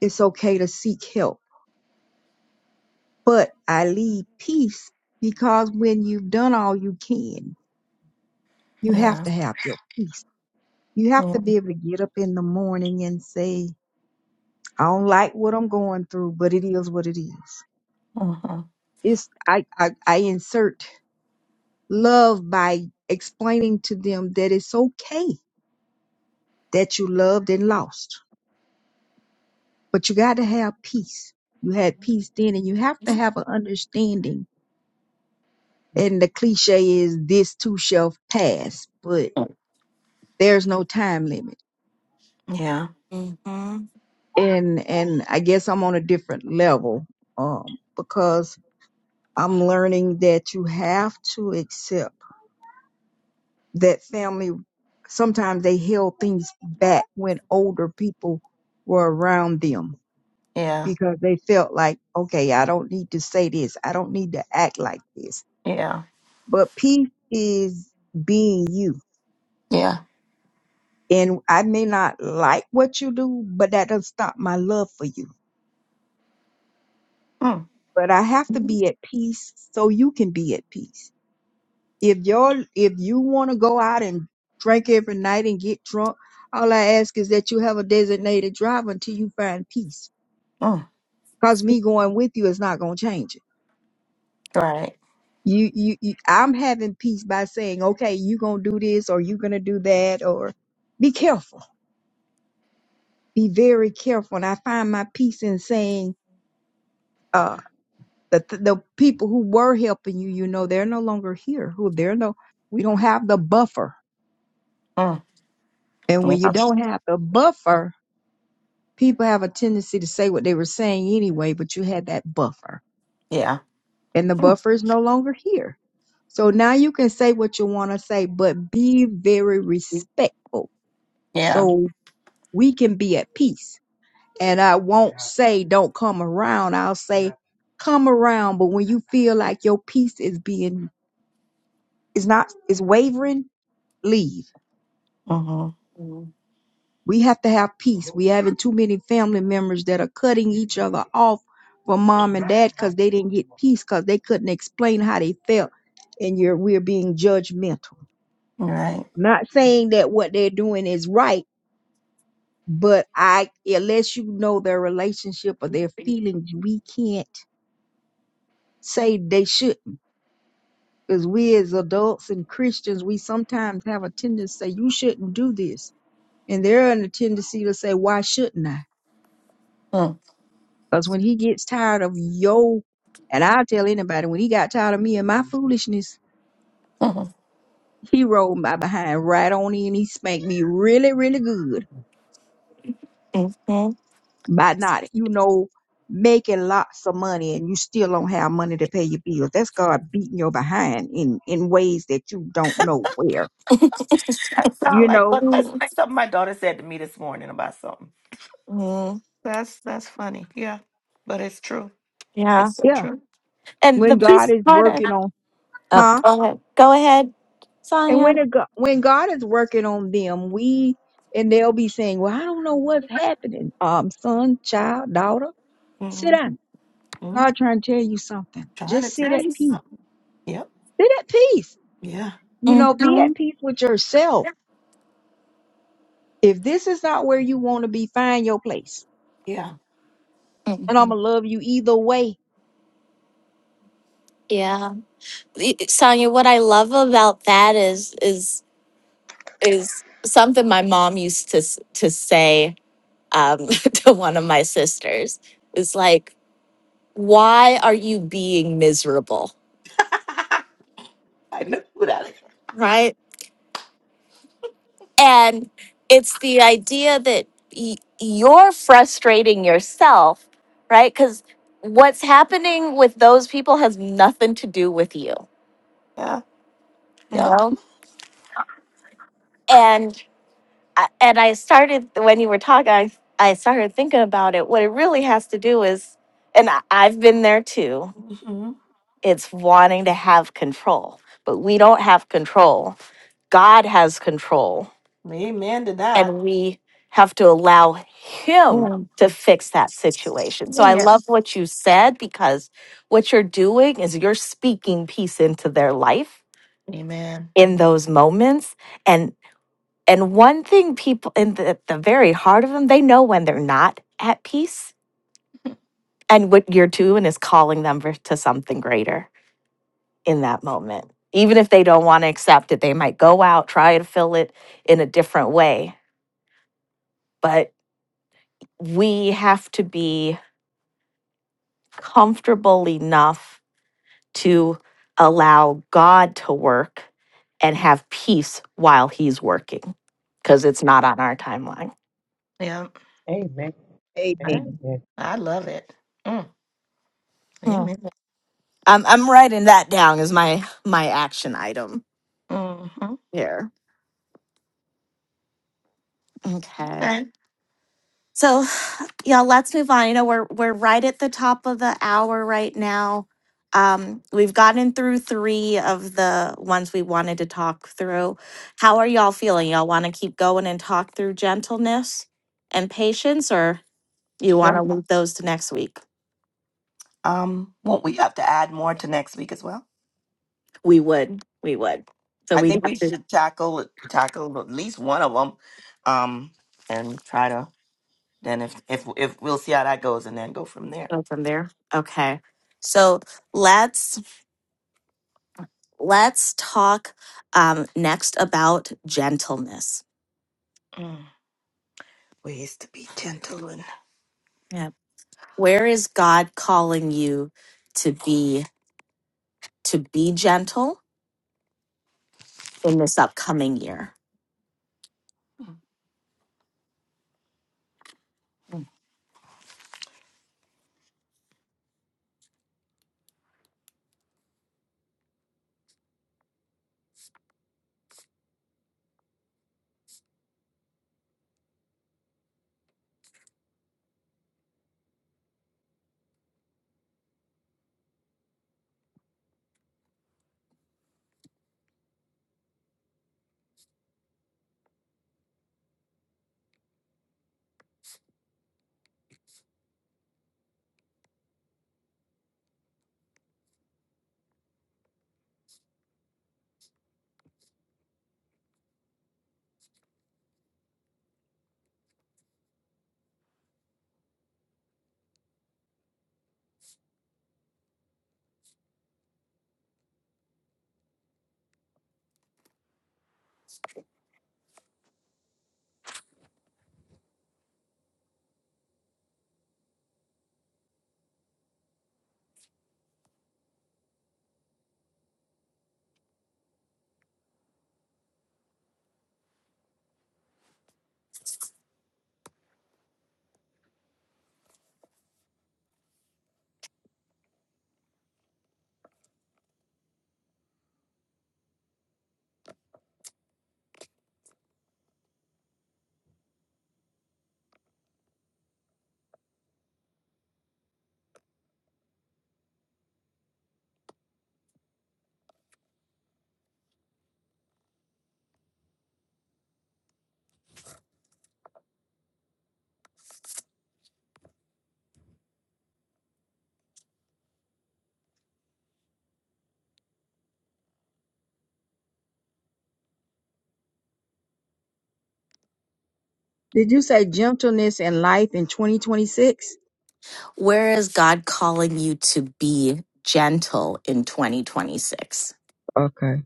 Speaker 4: It's okay to seek help. But I leave peace because when you've done all you can, you have
Speaker 2: Yeah.
Speaker 4: to have your peace. You have to be
Speaker 2: Mm.
Speaker 4: able to get up in the morning and say, I don't like what I'm going through, but it is what it is.
Speaker 2: Mm-hmm.
Speaker 4: It's I I, I insert love by explaining to them that it's okay that you loved and lost, but you got to have peace. You had peace then, and you have to have an understanding. And the cliche is this too shall pass, but
Speaker 2: Mm.
Speaker 4: there's no time limit.
Speaker 2: Yeah.
Speaker 3: yeah hmm
Speaker 4: And and I guess I'm on a different level um, because I'm learning that you have to accept that family sometimes they held things back when older people were around them
Speaker 2: Yeah.
Speaker 4: because they felt like okay i don't need to say this i don't need to act like this
Speaker 2: Yeah.
Speaker 4: but peace is being you
Speaker 2: Yeah.
Speaker 4: and i may not like what you do but that doesn't stop my love for you
Speaker 2: Mm.
Speaker 4: but i have to be at peace so you can be at peace if you're if you want to go out and drink every night and get drunk, all I ask is that you have a designated driver until you find peace.
Speaker 2: Mm.
Speaker 4: Cause me going with you is not gonna change it.
Speaker 2: Right.
Speaker 4: You, you, you I'm having peace by saying, okay, you gonna do this or you gonna do that, or be careful, be very careful. And I find my peace in saying, uh, the the people who were helping you, you know, they're no longer here. Who they're no, we don't have the buffer.
Speaker 2: Mm.
Speaker 4: And when
Speaker 2: Yeah.
Speaker 4: you don't have the buffer, people have a tendency to say what they were saying anyway, but you had that buffer,
Speaker 2: Yeah.
Speaker 4: and the
Speaker 2: Mm.
Speaker 4: buffer is no longer here. So now you can say what you want to say, but be very respectful
Speaker 2: Yeah.
Speaker 4: so we can be at peace. And I won't Yeah. say don't come around. I'll say Yeah. come around, but when you feel like your peace is being is not is wavering, leave
Speaker 2: Mm-hmm.
Speaker 4: We have to have peace. We having too many family members that are cutting each other off from mom and dad because they didn't get peace because they couldn't explain how they felt, and you're we're being judgmental.
Speaker 2: Right.
Speaker 4: I'm not saying that what they're doing is right, but I unless you know their relationship or their feelings, we can't say they shouldn't. Because we as adults and Christians, we sometimes have a tendency to say, you shouldn't do this. And they're in a tendency to say, why shouldn't I?
Speaker 2: Mm.
Speaker 4: Because when he gets tired of yo, and I'll tell anybody, when he got tired of me and my foolishness,
Speaker 2: hmm
Speaker 4: he rolled my behind right on in. He spanked me really, really good
Speaker 3: Mm-hmm.
Speaker 4: by not, you know, making lots of money and you still don't have money to pay your bills. That's God beating your behind in, in ways that you don't know where.
Speaker 2: That sound
Speaker 4: You
Speaker 2: like
Speaker 4: know?
Speaker 2: but that's like something my daughter said to me this morning about something.
Speaker 3: hmm
Speaker 2: That's that's funny. Yeah. But it's true.
Speaker 3: Yeah.
Speaker 2: It's so
Speaker 4: Yeah.
Speaker 2: true.
Speaker 3: And the
Speaker 4: When God
Speaker 3: peace
Speaker 4: is
Speaker 3: part
Speaker 4: working on,
Speaker 3: Oh,
Speaker 4: huh?
Speaker 3: go ahead. Go ahead,
Speaker 4: And
Speaker 3: Sonia.
Speaker 4: when, it, go- when God is working on them, we and they'll be saying, "Well, I don't know what's happening, um, son, child, daughter." Sit
Speaker 2: Mm-hmm.
Speaker 4: down.
Speaker 2: Mm,
Speaker 4: God trying to tell you something.
Speaker 2: trying to
Speaker 4: Just sit
Speaker 2: tell
Speaker 4: at
Speaker 2: you
Speaker 4: peace.
Speaker 2: something. Yep.
Speaker 4: Sit at peace.
Speaker 2: Yeah.
Speaker 4: You know, be
Speaker 3: hmm
Speaker 4: at peace with yourself. If this is not where you want to be, find your place.
Speaker 2: Yeah.
Speaker 4: And I'm
Speaker 3: hmm
Speaker 4: gonna love you either way.
Speaker 3: Yeah, Y- Sonia. What I love about that is is is something my mom used to s- to say um, to one of my sisters. Is like, why are you being miserable,
Speaker 2: I know that.
Speaker 3: right? And it's the idea that y- you're frustrating yourself, right? Because what's happening with those people has nothing to do with you.
Speaker 2: Yeah. Yep.
Speaker 3: and I- and I started when you were talking, I I started thinking about it. What it really has to do is, and I, I've been there too.
Speaker 2: hmm
Speaker 3: It's wanting to have control, but we don't have control. God has control,
Speaker 2: Amen to that.
Speaker 3: and we have to allow Him
Speaker 2: Yeah.
Speaker 3: to fix that situation. So I
Speaker 2: Yep.
Speaker 3: love what you said because what you're doing is you're speaking peace into their life
Speaker 2: Amen.
Speaker 3: in those moments and. And one thing people in the, the very heart of them, they know when they're not at peace and what you're doing is calling them for- to something greater in that moment. Even if they don't want to accept it, they might go out, try to fill it in a different way. But we have to be comfortable enough to allow God to work and have peace while He's working because it's not on our timeline.
Speaker 2: Yeah.
Speaker 1: Amen.
Speaker 2: I,
Speaker 4: Amen.
Speaker 1: Amen.
Speaker 2: I love it. Mm. Amen.
Speaker 3: I'm I'm writing that down as my my action item
Speaker 2: hmm
Speaker 3: here. Okay.
Speaker 2: Okay.
Speaker 3: So, yeah, let's move on. You know, we're we're right at the top of the hour right now. Um, we've gotten through three of the ones we wanted to talk through. How are y'all feeling? Y'all want to keep going and talk through gentleness and patience, or you want
Speaker 2: Sure.
Speaker 3: to leave those to next week?
Speaker 2: Um, won't we have to add more to next week as well?
Speaker 3: We would. We would. So
Speaker 2: I
Speaker 3: we'd
Speaker 2: think
Speaker 3: have
Speaker 2: we
Speaker 3: to
Speaker 2: should tackle tackle at least one of them, um, and try to then if if if we'll see how that goes and then go from there.
Speaker 3: go from there. Okay. So let's let's talk um, next about gentleness.
Speaker 2: Mm. Ways to be gentle and
Speaker 3: Yeah. Where is God calling you to be to be gentle in this upcoming year?
Speaker 4: Did you say gentleness in life in 2026?
Speaker 3: Where is God calling you to be gentle in 2026?
Speaker 4: Okay.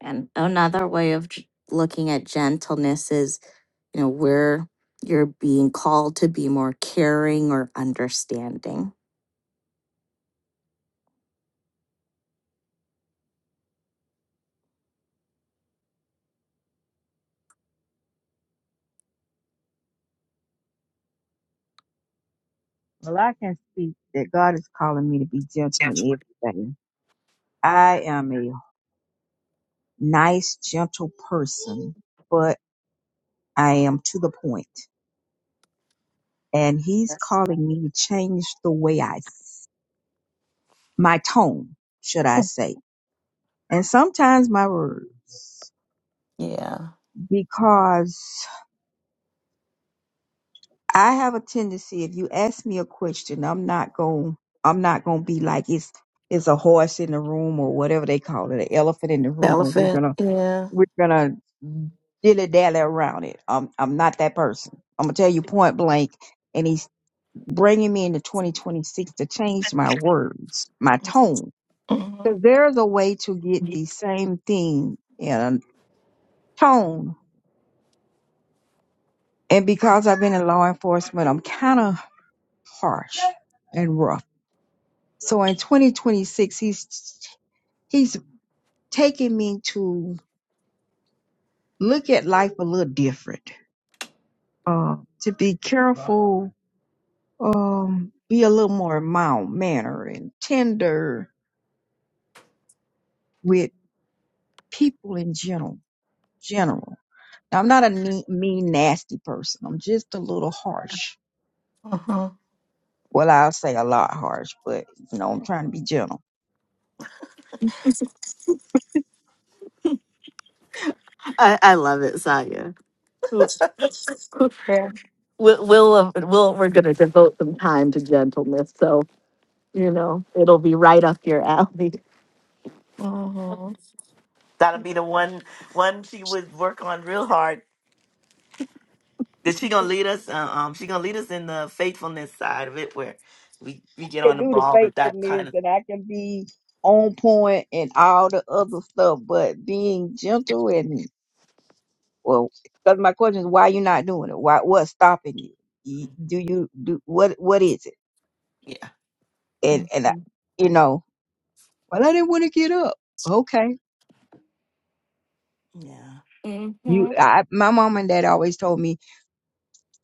Speaker 3: And another way of j- looking at gentleness is you know, where you're being called to be more caring or understanding.
Speaker 4: Well, I can speak that God is calling me to be gentle in everything. I am a nice, gentle person, but I am to the point. and he's calling me to change the way I, s- my tone, should I say, and sometimes my words,
Speaker 2: yeah,
Speaker 4: because I have a tendency. If you ask me a question, I'm not going. I'm not going to be like it's it's a horse in the room or whatever they call it, an elephant in the room, and we're
Speaker 2: elephant.
Speaker 4: gonna
Speaker 2: Yeah.
Speaker 4: we're gonna dilly dally around it. I'm I'm not that person. I'm gonna tell you point blank. And he's bringing me into 2026 to change my words, my tone
Speaker 2: hmm
Speaker 4: Because there's a way to get the same thing in tone. And because I've been in law enforcement, I'm kind of harsh and rough. So in 2026, he's he's taking me to look at life a little different. Uh, to be careful, um, be a little more mild manner and tender with people in general. General. Now, I'm not a mean, mean, nasty person. I'm just a little harsh
Speaker 2: hmm
Speaker 4: Well, I'll say a lot harsh, but you know, I'm trying to be gentle.
Speaker 3: Yeah. We'll,
Speaker 2: Yeah.
Speaker 3: we'll, uh, we'll, we're going to devote some time to gentleness. So, you know, it'll be right up your alley.
Speaker 2: hmm That'll be the one one she would work on real hard. Cause she gonna lead us. Uh, um, she gonna lead us in the faithfulness side of it, where we we get on
Speaker 4: can
Speaker 2: the
Speaker 4: do the
Speaker 2: ball with that kind
Speaker 4: faithfulness
Speaker 2: of.
Speaker 4: and I can be on point and all the other stuff, but being gentle and well, because my question is, why you not doing it? Why what's stopping you? You- Do you do what? What is it?
Speaker 2: Yeah,
Speaker 4: And and I, you know, well, I didn't want to get up. Okay,
Speaker 2: yeah.
Speaker 4: you,
Speaker 3: Mm-hmm,
Speaker 4: I, my mom and dad always told me,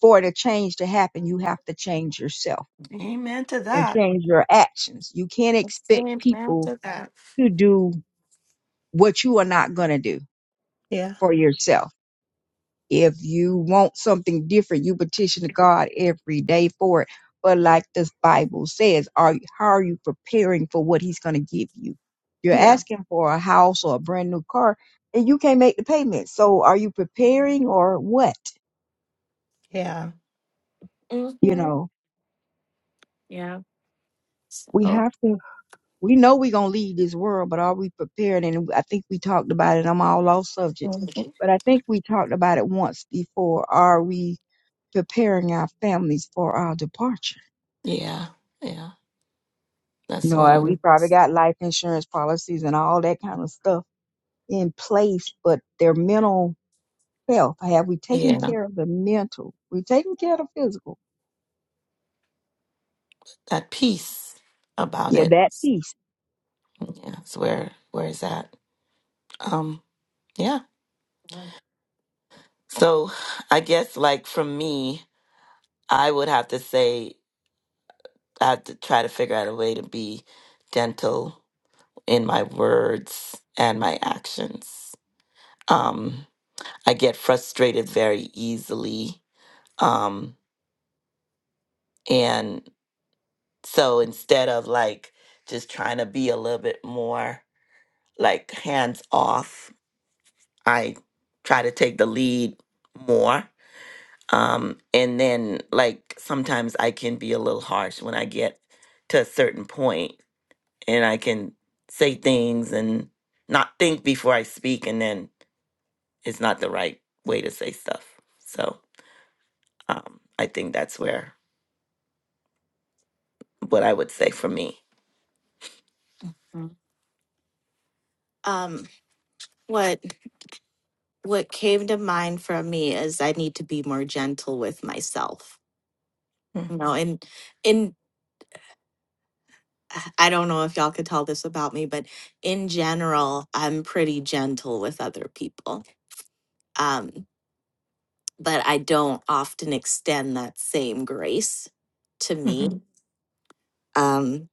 Speaker 4: for the change to happen, you have to change yourself
Speaker 2: Amen to
Speaker 4: and
Speaker 2: that.
Speaker 4: change your actions. You can't expect
Speaker 2: Amen to
Speaker 4: people
Speaker 2: that. That.
Speaker 4: to do what you are not going to do
Speaker 2: Yeah.
Speaker 4: for yourself. If you want something different, you petition to God every day for it. But like the Bible says, are how are you preparing for what He's going to give you? You're
Speaker 2: Yeah.
Speaker 4: asking for a house or a brand new car, and you can't make the payment. So are you preparing or what?
Speaker 2: Yeah.
Speaker 4: You
Speaker 3: hmm
Speaker 4: know,
Speaker 3: Yeah.
Speaker 4: we
Speaker 3: So,
Speaker 4: have to. We know we're going to leave this world, but are we prepared? And I think we talked about it. I'm all off subject,
Speaker 2: Mhm.
Speaker 4: but I think we talked about it once before. Are we? preparing our families for our departure.
Speaker 2: Yeah, yeah.
Speaker 4: You
Speaker 2: That's
Speaker 4: know,
Speaker 2: one
Speaker 4: uh,
Speaker 2: of
Speaker 4: we
Speaker 2: the
Speaker 4: probably got life insurance policies and all that kind of stuff in place, but their mental health, have we taken
Speaker 2: yeah.
Speaker 4: care of the mental? We taken care of the physical.
Speaker 2: That piece about
Speaker 4: Yeah,
Speaker 2: it.
Speaker 4: that piece.
Speaker 2: Yeah, it's where where is that? Um. Yeah. So I guess like from me, I would have to say I have to try to figure out a way to be gentle in my words and my actions. Um, I get frustrated very easily. Um, and so instead of like just trying to be a little bit more like hands off, I try to take the lead more Um, and then like sometimes I can be a little harsh when I get to a certain point and I can say things and not think before I speak and then it's not the right way to say stuff. So um, I think that's where what I would say for me.
Speaker 3: Mhm. um, what what came to mind from me is I need to be more gentle with myself. You know, and and I I don't know if y'all could tell this about me, but in general, I'm pretty gentle with other people. Um, but I don't often extend that same grace to me
Speaker 2: Mm-hmm.
Speaker 3: um,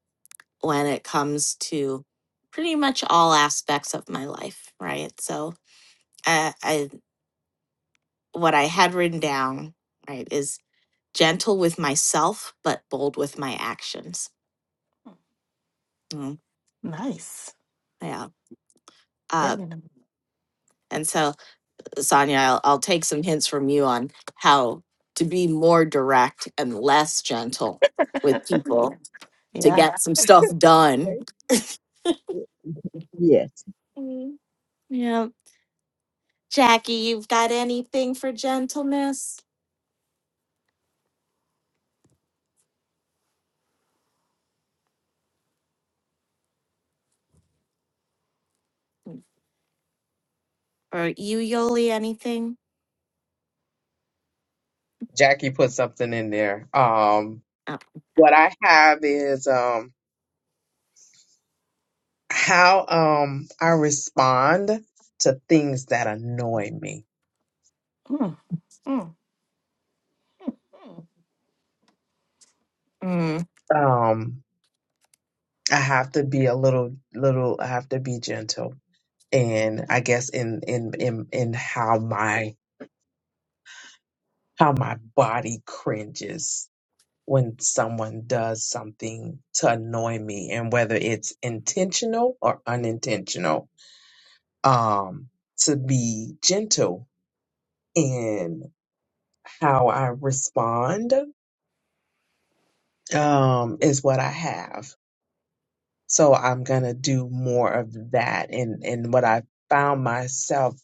Speaker 3: when it comes to pretty much all aspects of my life, right? So, uh, I what I had written down, right, is gentle with myself, but bold with my actions. Mm,
Speaker 2: Nice.
Speaker 3: yeah. Uh,
Speaker 2: Really nice.
Speaker 3: and so Sonia, I'll, I'll take some hints from you on how to be more direct and less gentle with
Speaker 2: Yeah.
Speaker 3: people to
Speaker 2: yeah.
Speaker 3: get some stuff done.
Speaker 4: Okay. Yes.
Speaker 3: Mm, Yeah. Jackie, you've got anything for gentleness? Or you, Yoli, anything?
Speaker 1: Jackie put something in there. Um,
Speaker 3: Oh.
Speaker 1: what I have is um how um I respond to things that annoy me.
Speaker 2: Mm, mm,
Speaker 3: Mm.
Speaker 1: Um I have to be a little little I have to be gentle and I guess in in in in how my how my body cringes when someone does something to annoy me and whether it's intentional or unintentional um to be gentle in how I respond um, is what I have. So I'm gonna do more of that. And and what I found myself,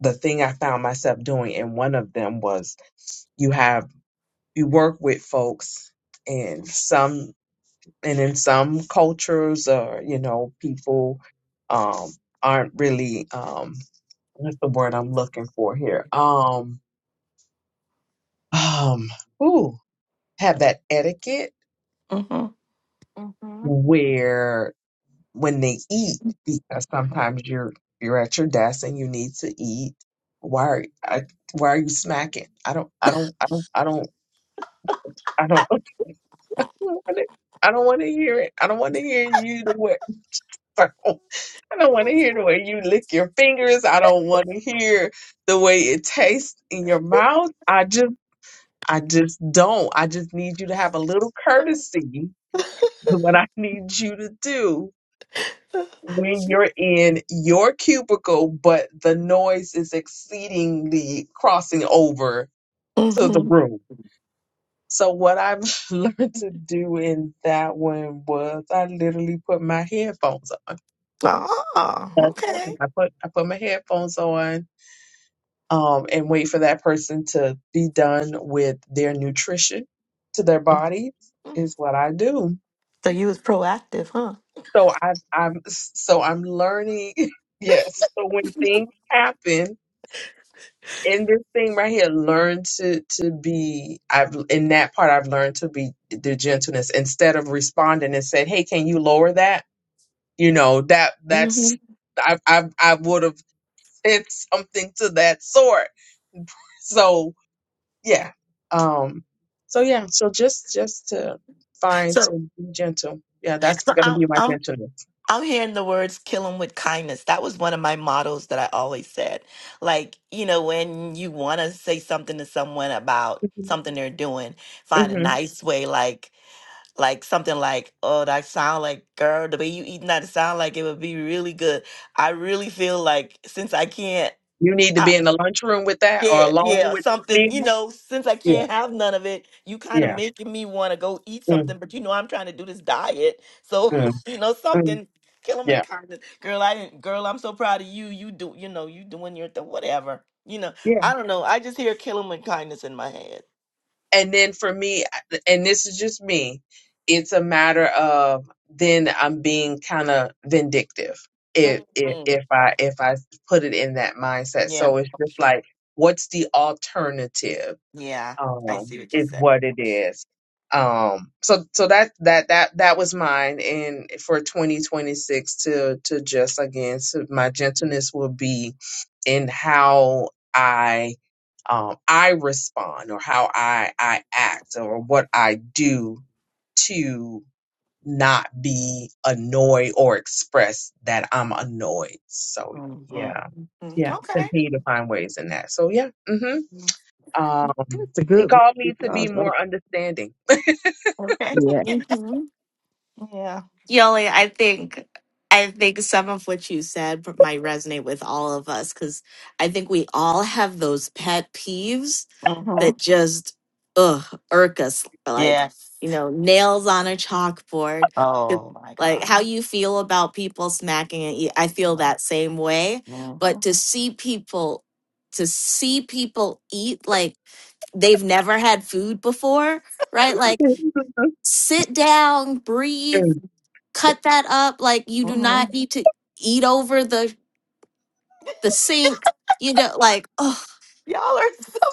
Speaker 1: the thing I found myself doing and one of them was you have you work with folks and some and in some cultures or you know people um aren't really um what's the word I'm looking for here um um ooh have that etiquette
Speaker 2: mm-hmm.
Speaker 3: hmm
Speaker 1: where when they eat because sometimes you're you're at your desk and you need to eat. Why are I, why are you smacking? I don't I don't I don't I don't I don't I don't want to I don't want to hear it. I don't want to hear you the way I don't, I don't want to hear the way you lick your fingers. I don't want to hear the way it tastes in your mouth. I just I just don't. I just need you to have a little courtesy. Is What I need you to do when you're in your cubicle, but the noise is exceedingly crossing over to the
Speaker 2: Mm-hmm.
Speaker 1: room. So, what I've learned to do in that one was I literally put my headphones on.
Speaker 2: Ah,
Speaker 1: That's one.
Speaker 2: okay.
Speaker 1: I put I put my headphones on um, and wait for that person to be done with their nutrition to their body is what I do.
Speaker 2: So you was proactive, huh?
Speaker 1: So I, I'm so I'm learning. Yes. So when things happen, in this thing right here, learn to to be. I've in that part, I've learned to be the gentleness instead of responding and said, "Hey, can you lower that?" You know that
Speaker 2: hmm
Speaker 1: that's I I I would have said something to that sort. So yeah, um, so yeah, so just just to find to
Speaker 2: So,
Speaker 1: be gentle. Yeah, that's
Speaker 2: so
Speaker 1: going to
Speaker 2: I,
Speaker 1: be my
Speaker 2: I'm
Speaker 1: gentleness.
Speaker 2: I'm hearing the words kill them with kindness. That was one of my mottos that I always said. Like, you know, when you want to say something to someone about
Speaker 1: hmm
Speaker 2: something they're doing, find a
Speaker 1: hmm
Speaker 2: nice way, like, like something like, oh, that sound like, girl, the way you eating that it sound like it would be really good. I really feel like since I can't.
Speaker 1: You need to be in the lunchroom with that or
Speaker 2: Yeah,
Speaker 1: alone
Speaker 2: yeah,
Speaker 1: with
Speaker 2: something,
Speaker 1: me.
Speaker 2: you know, since I
Speaker 1: Yeah,
Speaker 2: can't have none of it, you kind of
Speaker 1: yeah,
Speaker 2: making me want to go eat
Speaker 1: mm
Speaker 2: something, but you know I'm trying to do this diet. So,
Speaker 1: mm
Speaker 2: you know,
Speaker 1: mm.
Speaker 2: something kill him
Speaker 1: yeah.
Speaker 2: kind of girl, I didn't girl, I'm so proud of you. You do, you know, you doing your th- whatever. You know, I don't know. I just hear kill him with kindness in my head.
Speaker 1: and then for me and this is just me it's a matter of then i'm being kind of vindictive if, if
Speaker 2: Mhm.
Speaker 1: if i if i put it in that mindset
Speaker 2: Yeah.
Speaker 1: so it's just like what's the alternative
Speaker 2: Yeah. I
Speaker 1: um
Speaker 2: see what you
Speaker 1: is
Speaker 2: said.
Speaker 1: what it is um so so that that that that was mine and for 2026 to to just again so my gentleness will be in how i um i respond or how i i act or what i do to not be annoyed or express that i'm annoyed so
Speaker 2: hmm
Speaker 1: yeah yeah
Speaker 2: Okay.
Speaker 1: continue to find ways in that so yeah mhm. Um,
Speaker 4: That's a
Speaker 1: he
Speaker 4: good one
Speaker 1: called me to be
Speaker 4: because, uh,
Speaker 1: more understanding.
Speaker 2: Okay.
Speaker 4: yeah.
Speaker 3: Mm-hmm.
Speaker 2: yeah.
Speaker 3: Yoli, I think I think some of what you said might resonate with all of us because I think we all have those pet peeves
Speaker 2: hmm
Speaker 3: that just ugh irk us like
Speaker 2: Yes.
Speaker 3: you know nails on a chalkboard 'Cause,
Speaker 2: Oh my
Speaker 3: like
Speaker 2: God.
Speaker 3: how you feel about people smacking at you i feel that same way
Speaker 2: hmm
Speaker 3: but to see people to see people eat like they've never had food before right like sit down breathe
Speaker 1: Mm.
Speaker 3: cut that up like you do
Speaker 2: hmm
Speaker 3: not need to eat over the the sink you know like
Speaker 2: Y'all are so.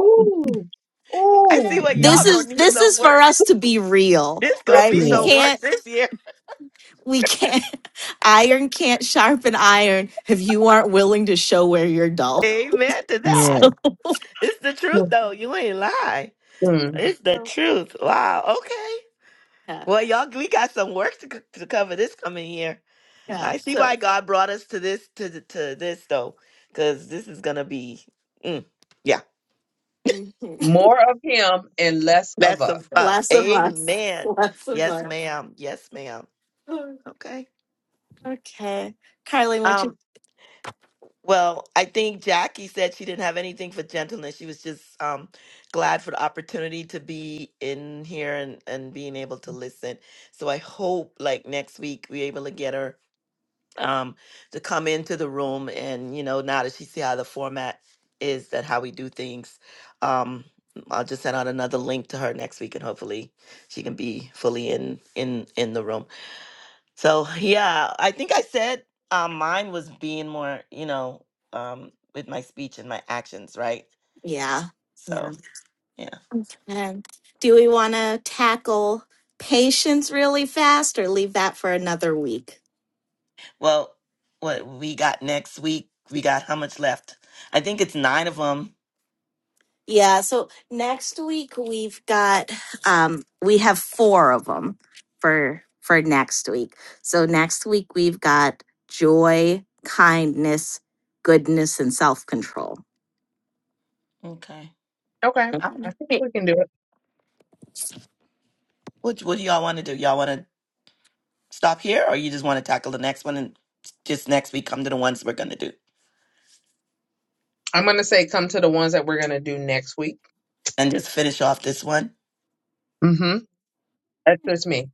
Speaker 1: Ooh,
Speaker 2: I see
Speaker 1: ooh.
Speaker 2: what y'all
Speaker 3: this
Speaker 4: Mhm.
Speaker 3: is
Speaker 2: gonna need
Speaker 3: this
Speaker 2: some
Speaker 3: is for
Speaker 2: work.
Speaker 3: us to be real
Speaker 2: It's gonna
Speaker 3: right
Speaker 2: be
Speaker 3: we
Speaker 4: Yeah,
Speaker 2: some work
Speaker 3: can't
Speaker 2: this year.
Speaker 3: we can't iron can't sharpen iron if you aren't willing to show where you're dull
Speaker 2: Amen to
Speaker 3: so
Speaker 2: that.
Speaker 4: yeah.
Speaker 2: It's the truth though. You ain't lie.
Speaker 1: Mm.
Speaker 2: It's the
Speaker 3: Well-
Speaker 2: truth. Wow. Okay.
Speaker 3: yeah
Speaker 2: Well, y'all, we got some work to, c- to cover this coming year.
Speaker 3: yeah
Speaker 2: I see why
Speaker 3: so
Speaker 2: God brought us to this to th- to this though, because this is gonna be. mm, yeah,
Speaker 3: mhm.
Speaker 1: More of him and less of
Speaker 2: that's
Speaker 1: us.
Speaker 2: of us.
Speaker 3: less of us
Speaker 2: Amen.
Speaker 3: less of
Speaker 2: Yes,
Speaker 3: us
Speaker 2: ma'am. Yes, ma'am. Okay.
Speaker 3: okay carly what
Speaker 2: Um.
Speaker 3: you
Speaker 2: Well, I think Jackie said she didn't have anything for gentleness. She was just um, glad for the opportunity to be in here and, and being able to listen. So I hope like next week we're able to get her um, to come into the room and, you know, now that she see how the format is that how we do things, um, I'll just send out another link to her next week and hopefully she can be fully in in in the room. So yeah, I think I said um, mine was being more, you know, um, with my speech and my actions, right?
Speaker 3: yeah yeah
Speaker 2: So yeah.
Speaker 3: and do we want to tackle patience really fast or leave that for another week
Speaker 2: Well, what we got next week? We got how much left? I think it's nine of them.
Speaker 3: Yeah, so next week we've got um we have four of them for for next week. So next week we've got joy, kindness, goodness and self-control.
Speaker 2: Okay.
Speaker 1: Okay.
Speaker 2: I don't
Speaker 1: I
Speaker 2: know.
Speaker 1: think
Speaker 3: Great.
Speaker 1: we can do it.
Speaker 2: What What do y'all want to do? Y'all want to stop here, or you just want to tackle the next one and just next week come to the ones we're gonna do
Speaker 1: I'm going to say come to the ones that we're going to do next week.
Speaker 2: and just finish off this one?
Speaker 1: Mm-hmm. That's just me.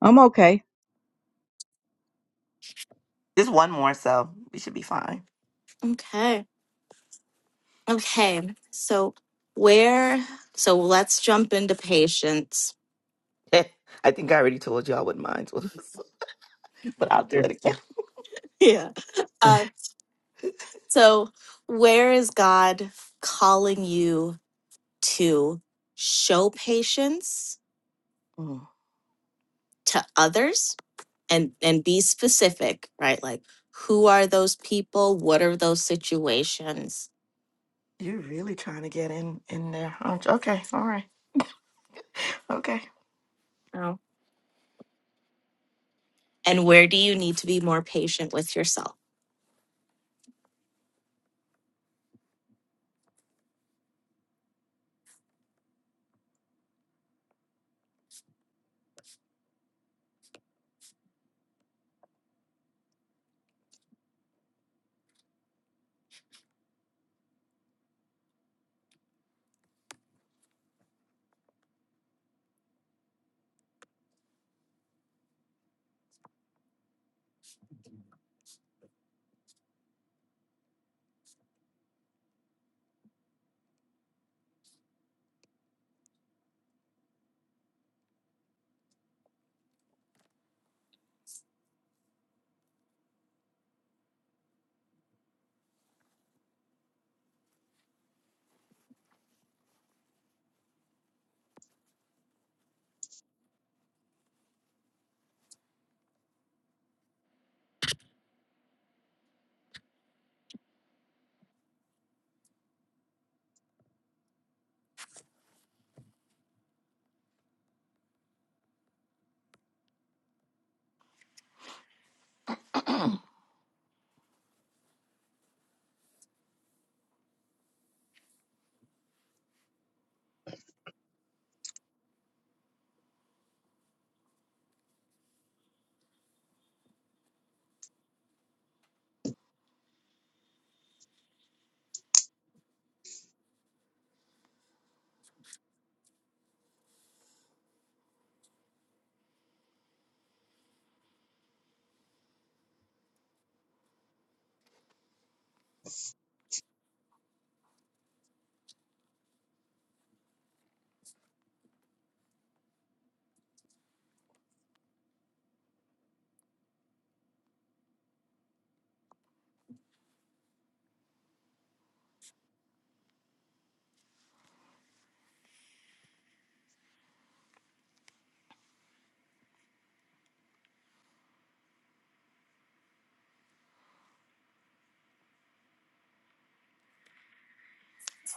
Speaker 4: I'm okay.
Speaker 2: Just one more, so we should be fine.
Speaker 3: Okay. Okay. So where so let's jump into patience.
Speaker 2: I think I already told y'all what mine was, but I'll do
Speaker 1: Yeah.
Speaker 2: it again.
Speaker 3: Yeah. Uh, so where is God calling you to show patience
Speaker 2: Mm,
Speaker 3: to others? and and be specific, right? Like who are those people? What are those situations?
Speaker 2: You're really trying to get in in there, aren't you? Okay, all right, okay,
Speaker 3: You And where do you need to be more patient with yourself?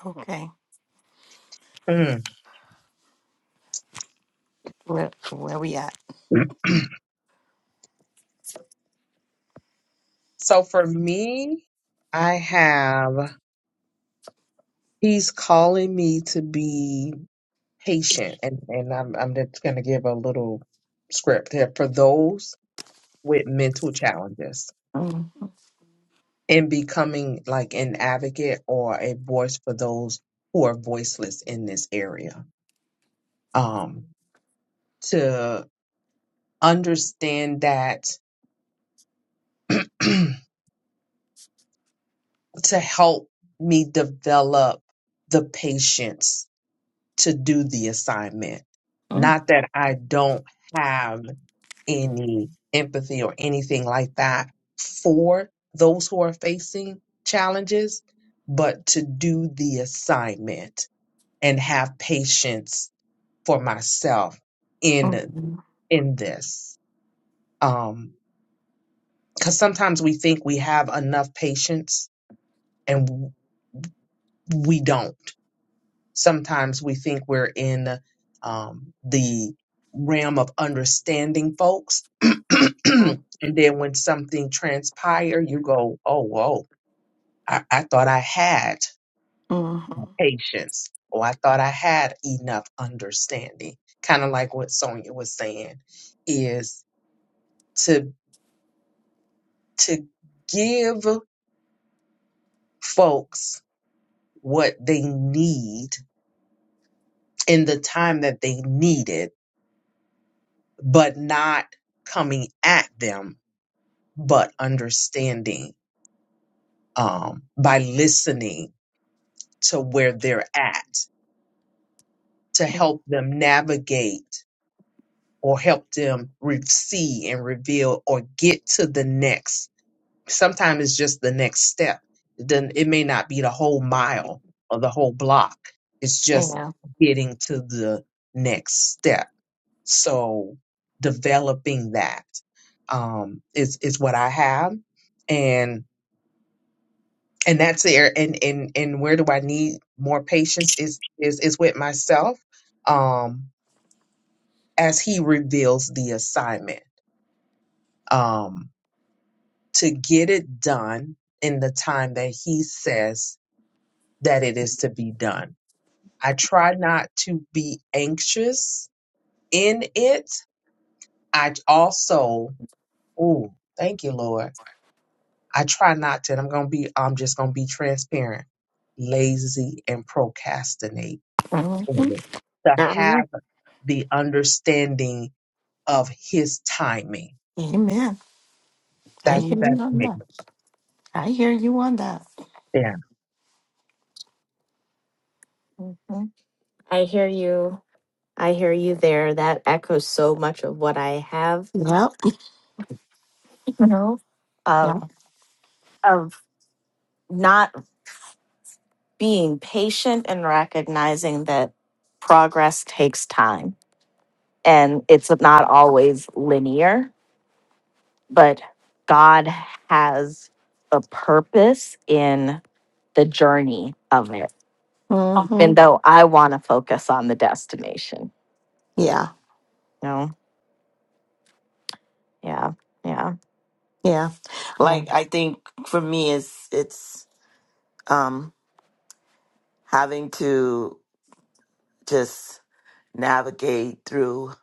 Speaker 2: okay.
Speaker 1: Mm.
Speaker 2: Where where we at?
Speaker 1: So for me, I have, he's calling me to be patient. And, and I'm, I'm just going to give a little script here for those with mental challenges
Speaker 2: Mm,
Speaker 1: and becoming like an advocate or a voice for those who are voiceless in this area. Um, to understand that, to help me develop the patience to do the assignment.
Speaker 2: mm,
Speaker 1: Not that I don't have any empathy or anything like that for those who are facing challenges, but to do the assignment and have patience for myself in
Speaker 2: mm,
Speaker 1: in this um because sometimes we think we have enough patience and w- we don't sometimes we think we're in um the realm of understanding folks and
Speaker 2: mm,
Speaker 1: then when something transpire you go oh whoa I, I thought i had
Speaker 2: mm,
Speaker 1: patience or i thought i had enough understanding kind of like what sonia was saying is to. to give folks what they need in the time that they need it, but not coming at them, but understanding um, by listening to where they're at to help them navigate or help them re- see and reveal or get to the next sometimes it's just the next step. Then it may not be the whole mile or the whole block. It's just
Speaker 2: mm,
Speaker 1: getting to the next step. So developing that um, is is what I have, and and that's there. And and and where do I need more patience? Is is is with myself um, as he reveals the assignment um, to get it done in the time that he says that it is to be done. I try not to be anxious in it. I also, oh, thank you, Lord. I try not to, and I'm gonna be, I'm just gonna be transparent, lazy and procrastinate. Mhm. To
Speaker 2: Yeah, Mhm. girl.
Speaker 1: have the understanding of his timing.
Speaker 2: Amen. I
Speaker 1: That
Speaker 3: Mhm.
Speaker 2: hear
Speaker 1: that
Speaker 2: you on
Speaker 1: makes
Speaker 2: that. I hear you on that.
Speaker 1: sense.
Speaker 3: I hear you. I hear you there. That echoes so much of what I have,
Speaker 2: Yep.
Speaker 3: you know, of
Speaker 2: Yeah.
Speaker 3: of not being patient and recognizing that progress takes time and it's not always linear but God has a purpose in the journey of it. Even
Speaker 2: hmm
Speaker 3: though I want to focus on the destination.
Speaker 2: Yeah.
Speaker 3: No. Yeah. Yeah.
Speaker 2: Yeah.
Speaker 3: Yeah.
Speaker 2: Like I think for me it's it's um having to just navigate through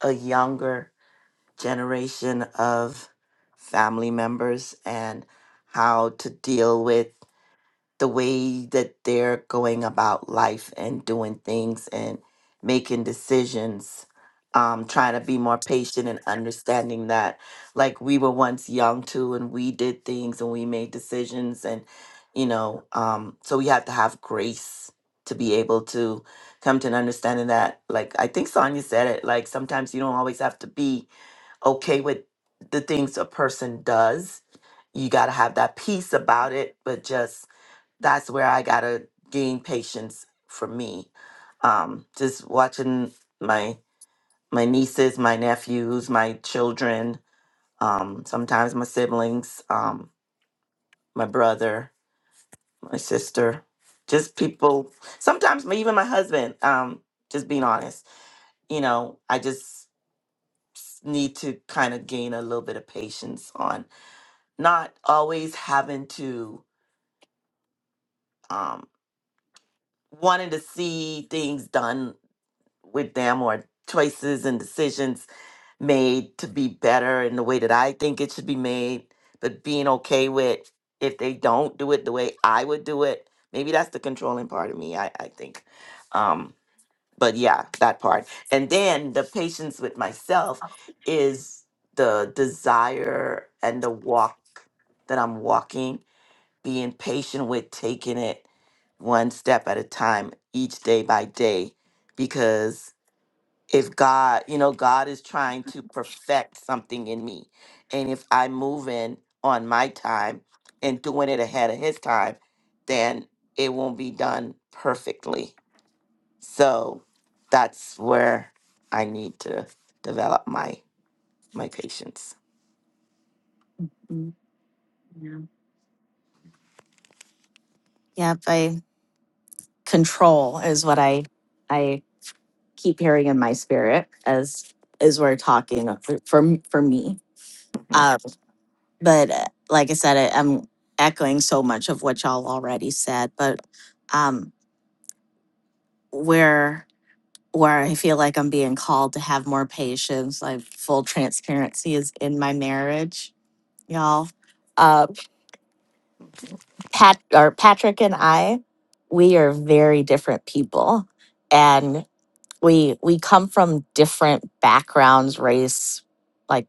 Speaker 2: a younger generation of family members and how to deal with the way that they're going about life and doing things and making decisions um trying to be more patient and understanding that like we were once young too and we did things and we made decisions and you know um so we have to have grace to be able to come to an understanding that like i think sonia said it like sometimes you don't always have to be okay with the things a person does you got to have that peace about it but just that's where I gotta gain patience for me. Um, just watching my my nieces, my nephews, my children, um, sometimes my siblings, um, my brother, my sister, just people. Sometimes my, even my husband. Um, just being honest, you know, I just s- need to kind of gain a little bit of patience on not always having to um, wanting to see things done with them or choices and decisions made to be better in the way that I think it should be made, but being okay with if they don't do it the way I would do it. Maybe that's the controlling part of me, I, I think. Um, but yeah, that part. And then the patience with myself is the desire and the walk that I'm walking, being patient with taking it one step at a time, each day by day, because if God, you know, God is trying to perfect something in me. And if I'm moving on my time and doing it ahead of his time, then it won't be done perfectly. So that's where I need to develop my my patience.
Speaker 3: Mm, yeah. Yep. I control is what I I keep hearing in my spirit as as we're talking uh, for for, for me.
Speaker 2: Mhm.
Speaker 3: Um, but uh, like I said, I, I'm echoing so much of what y'all already said. But um, where. where I feel like I'm being called to have more patience. Like full transparency is in my marriage, y'all. Uh, Pat or Patrick and I, we are very different people, and we we come from different backgrounds, race. Like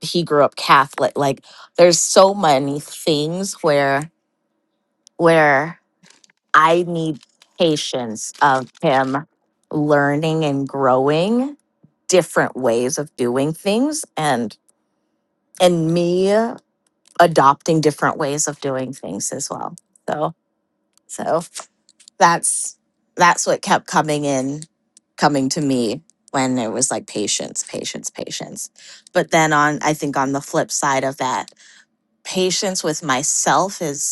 Speaker 3: he grew up Catholic. Like there's so many things where where I need patience of him learning and growing different ways of doing things and and me adopting different ways of doing things as well. So so that's that's what kept coming in coming to me when it was like patience patience patience but then on i think on the flip side of that patience with myself is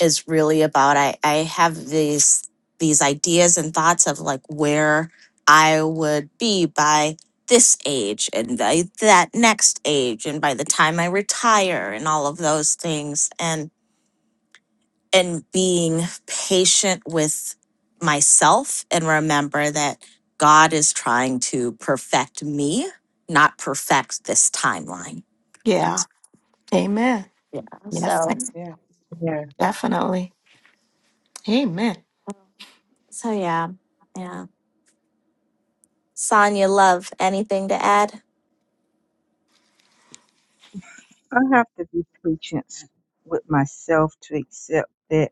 Speaker 3: is really about I, I have these these ideas and thoughts of like where I would be by this age and by that next age and by the time I retire and all of those things and and being patient with myself and remember that God is trying to perfect me, not perfect this timeline.
Speaker 2: Yeah.
Speaker 3: That's-
Speaker 2: Amen.
Speaker 3: Yeah.
Speaker 2: Yes.
Speaker 3: So
Speaker 1: Yeah. Yeah.
Speaker 2: Definitely. Amen.
Speaker 3: so yeah. Yeah. Sonia love, anything to add?
Speaker 4: I have to be patient with myself to accept that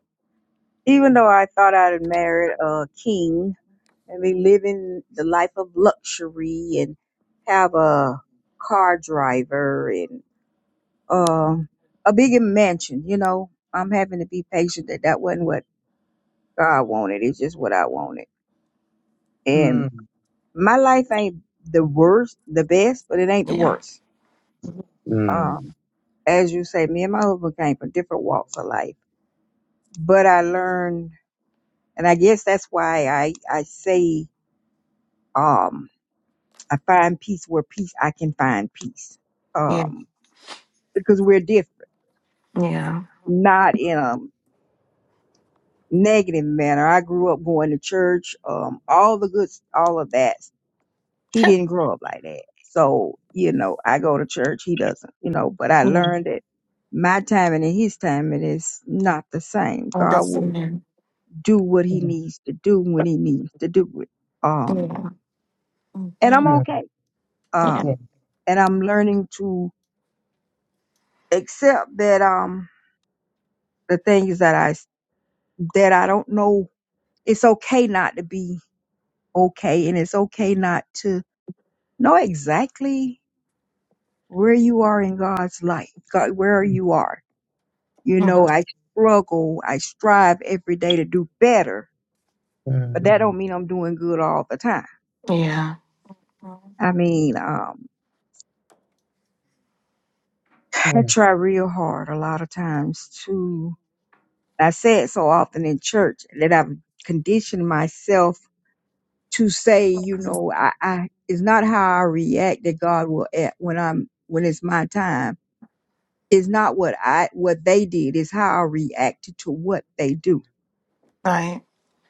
Speaker 4: even though I thought I'd married a king and they live in the life of luxury and have a car driver and um a big mansion. You know, I'm having to be patient that that wasn't what God wanted. It's just what I wanted. And
Speaker 1: Mm.
Speaker 4: my life ain't the worst, the best, but it ain't the
Speaker 2: Yeah.
Speaker 4: worst.
Speaker 1: Mm.
Speaker 4: Um, as you say, me and my husband came from different walks of life, but I learned, and I guess that's why I I say um I find peace where peace I can find peace.
Speaker 2: Yeah.
Speaker 4: Um, because we're different,
Speaker 2: Yeah.
Speaker 4: not in a negative manner. I grew up going to church, um, all the good, all of that. He didn't grow up like that. So, you know, I go to church, he doesn't, you know, but I
Speaker 2: yeah.
Speaker 4: learned that my timing and his timing is not the same.
Speaker 2: All the
Speaker 4: God will
Speaker 2: same.
Speaker 4: do what he
Speaker 1: Mm.
Speaker 4: needs to do when he needs to do it. Um,
Speaker 2: Yeah.
Speaker 4: and I'm
Speaker 3: Mhm.
Speaker 1: Mm.
Speaker 4: okay.
Speaker 2: Yeah.
Speaker 1: Yeah.
Speaker 4: Um, and I'm learning to accept that, um, the things that I, that I don't know, it's okay not to be okay and it's okay not to know exactly where you are in God's life, God, where
Speaker 1: Mm.
Speaker 4: you are. You know, I struggle, I strive every day to do better, but that
Speaker 1: Mm.
Speaker 4: don't mean I'm doing good all the time. I mean, um,
Speaker 1: Mm.
Speaker 4: I
Speaker 1: Mm.
Speaker 4: try real hard a lot of times to, I say it so often in church that I've conditioned myself to say, you know, I, I, it's not how I react that God will act when I'm, when it's my time It's not what I what they did, it's how I reacted to what they do.
Speaker 2: Right.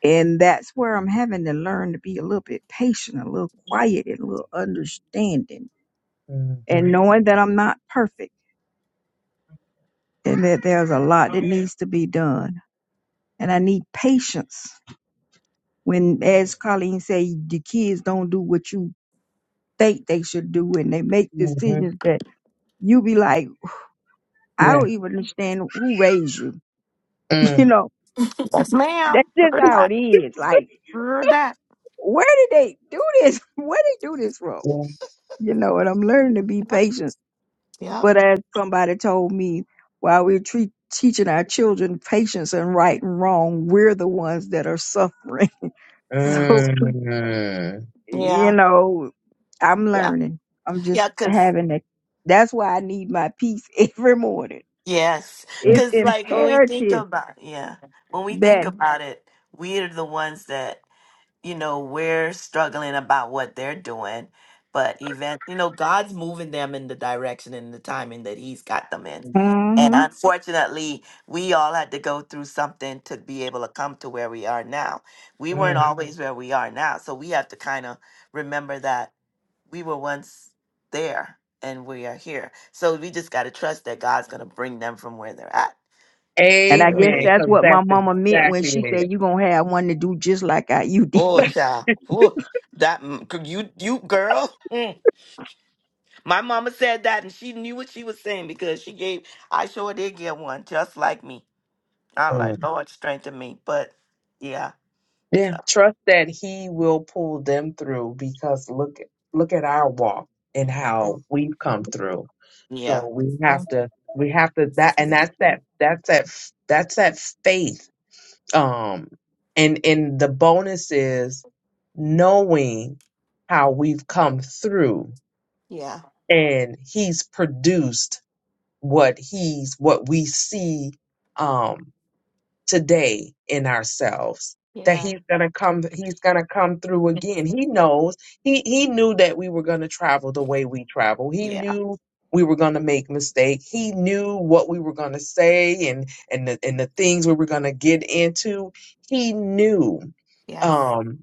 Speaker 4: And that's where I'm having to learn to be a little bit patient, a little quiet, and a little understanding, and
Speaker 1: Mm.
Speaker 4: knowing that I'm not perfect and that there's a lot that needs to be done. And I need patience when, as Colleen said, the kids don't do what you think they should do and they make
Speaker 1: mm-hmm,
Speaker 4: decisions that you be like, I
Speaker 1: Yeah.
Speaker 4: don't even understand who raised you. You
Speaker 1: Mm.
Speaker 4: know,
Speaker 2: Yes, ma'am.
Speaker 4: that's just
Speaker 2: Heard that.
Speaker 4: how it is. Like,
Speaker 2: Heard that.
Speaker 4: where did they do this? Where they do this from?
Speaker 1: Mm.
Speaker 4: You know, and I'm learning to be
Speaker 2: Yep.
Speaker 4: patient.
Speaker 2: Yep.
Speaker 4: But as somebody told me, while we're treat, teaching our children patience and right and wrong, we're the ones that are suffering.
Speaker 2: Mm.
Speaker 4: So,
Speaker 1: Mm.
Speaker 4: you
Speaker 2: Yeah.
Speaker 4: know, I'm
Speaker 2: Yeah.
Speaker 4: learning. I'm just
Speaker 2: Yeah. Cause
Speaker 4: having to. That's why I need my peace every morning.
Speaker 2: yes.
Speaker 4: It's
Speaker 2: Cause like when we think
Speaker 4: imperative
Speaker 2: about yeah, when we think Mhm.
Speaker 4: that.
Speaker 2: about it, we are the ones that you know, we're struggling about what they're doing. But event, you know, God's moving them in the direction and the timing that He's got them in. And Mhm.
Speaker 4: Mhm.
Speaker 2: unfortunately, we all had to go through something to be able to come to where we are now. We weren't Mhm.
Speaker 1: Mm.
Speaker 2: always where we are now. So we have to kind of remember that we were once there and we are here. So we just got to trust that God's going to bring them from where they're at.
Speaker 4: And I guess
Speaker 1: Amen.
Speaker 2: Mhm.
Speaker 4: that's
Speaker 1: Because
Speaker 4: what
Speaker 1: that's
Speaker 4: my mama meant when
Speaker 1: exactly
Speaker 4: she said,
Speaker 1: it.
Speaker 4: "You're gonna have one to do just like I you did."
Speaker 2: Oh, child. Whew. that, mm, you, you girl. My mama said that, and she knew what she was saying because she gave. I sure did get one, just like me. I like
Speaker 1: Mm.
Speaker 2: Lord strengthen me, but yeah,
Speaker 1: Yeah.
Speaker 2: so,
Speaker 1: Trust that he will pull them through because look look at our walk and
Speaker 2: Mhm.
Speaker 1: how we've come through. So
Speaker 2: yeah,
Speaker 1: we have to we have to that and that's that that's that f- that's that faith. Um and and the bonus is knowing how we've come through
Speaker 2: yeah,
Speaker 1: and he's produced what he's what we see um today in ourselves that
Speaker 2: yeah,
Speaker 1: he's gonna come he's gonna come through again he knows he he knew that we were gonna travel the way we travel he
Speaker 2: yeah.
Speaker 1: knew we were gonna make mistakes he knew what we were gonna say and and the, and the things we were gonna get into he knew
Speaker 2: Yes.
Speaker 1: um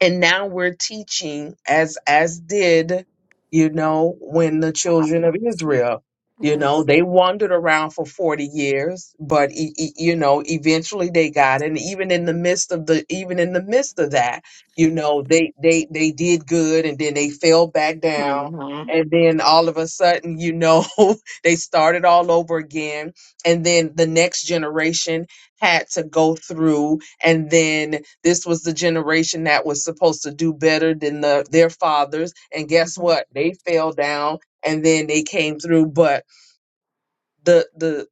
Speaker 1: and now we're teaching as as did you know when the
Speaker 2: Uh,
Speaker 1: children of israel you know
Speaker 2: Yes.
Speaker 1: they wandered around for 40 years but e- e- you know eventually they got it. and even in the midst of the even in the midst of that you know they they they did good and then they fell back down
Speaker 2: hmm
Speaker 1: and then all of a sudden you know they started all over again and then the next generation had to go through and then this was the generation that was supposed to do better than the, their fathers. And guess
Speaker 2: hmm
Speaker 1: what? They fell down and then they came through. But the the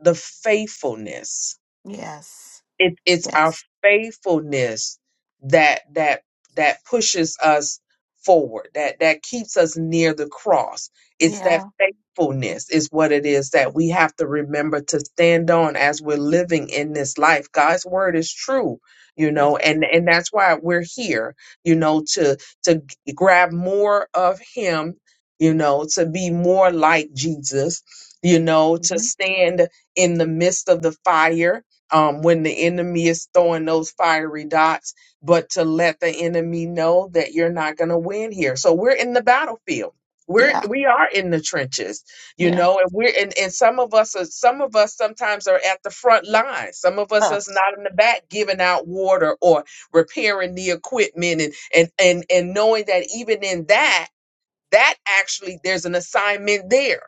Speaker 1: the faithfulness
Speaker 2: Yes.
Speaker 1: it, it's our
Speaker 2: Yes.
Speaker 1: faithfulness that that that pushes us forward that that keeps us near the cross it's that
Speaker 2: Yeah.
Speaker 1: faithfulness is what it is that we have to remember to stand on as we're living in this life god's word is true you
Speaker 2: Yeah.
Speaker 1: know and and that's why we're here you know to to g- grab more of him you know to be more like jesus you know to
Speaker 2: Mhm.
Speaker 1: stand in the midst of the fire um, when the enemy is throwing those fiery dots, but to let the enemy know that you're not going to win here. So we're in the battlefield. We're
Speaker 2: Yeah.
Speaker 1: we are in the trenches, you
Speaker 2: Yeah.
Speaker 1: know, and we're and, and some of us are some of us sometimes are at the front line. Some of us
Speaker 2: Huh.
Speaker 1: is not in the back giving out water or repairing the equipment and and and and knowing that even in that that actually there's an assignment there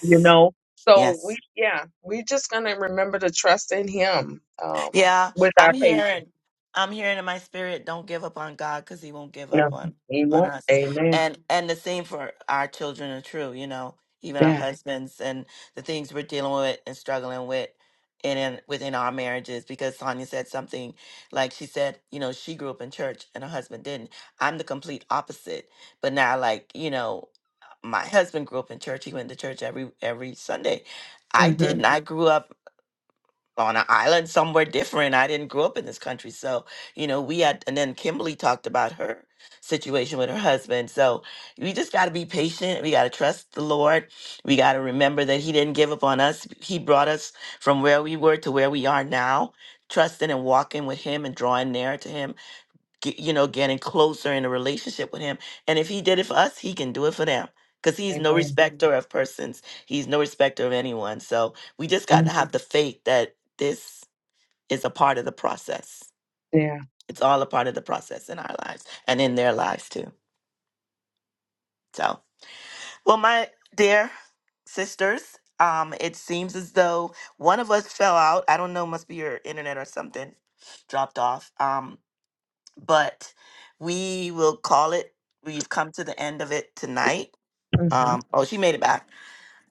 Speaker 1: you know so
Speaker 2: Yes.
Speaker 1: we yeah we just gonna remember to trust in him um
Speaker 2: Yeah,
Speaker 1: with our
Speaker 2: I'm
Speaker 1: patience
Speaker 2: hearing, I'm hearing in my spirit, don't give up on God because He won't give up
Speaker 1: no
Speaker 2: on
Speaker 1: he
Speaker 2: on
Speaker 1: won't
Speaker 2: us.
Speaker 1: amen
Speaker 2: And and the same for our children are true. You know, even our
Speaker 1: yeah
Speaker 2: husbands and the things we're dealing with and struggling with. and in, within our marriages, because Sonia said something like she said, you know, she grew up in church and her husband didn't. I'm the complete opposite. But now, like, you know, my husband grew up in church. He went to church every every Sunday. I
Speaker 1: hmm
Speaker 2: didn't. I grew up on an island somewhere different. I didn't grow up in this country. So, you know, we had, and then Kimberly talked about her situation with her husband. So we just got to be patient. We got to trust the Lord. We got to remember that He didn't give up on us. He brought us from where we were to where we are now. Trusting and walking with Him and drawing near to Him get, you know, getting closer in a relationship with him. And if he did it for us, he can do it for them. Because he's no Mhm.
Speaker 1: amen
Speaker 2: respecter of persons. He's no respecter of anyone. So we just got
Speaker 1: Mm,
Speaker 2: to have the faith that this is a part of the process.
Speaker 1: yeah
Speaker 2: It's all a part of the process in our lives and in their lives too. So, well, my dear sisters, um, it seems as though one of us fell out. I don't know, must be your internet or something dropped off. Um, but we will call it. We've come to the end of it tonight.
Speaker 1: hmm
Speaker 2: Um, oh, she made it back.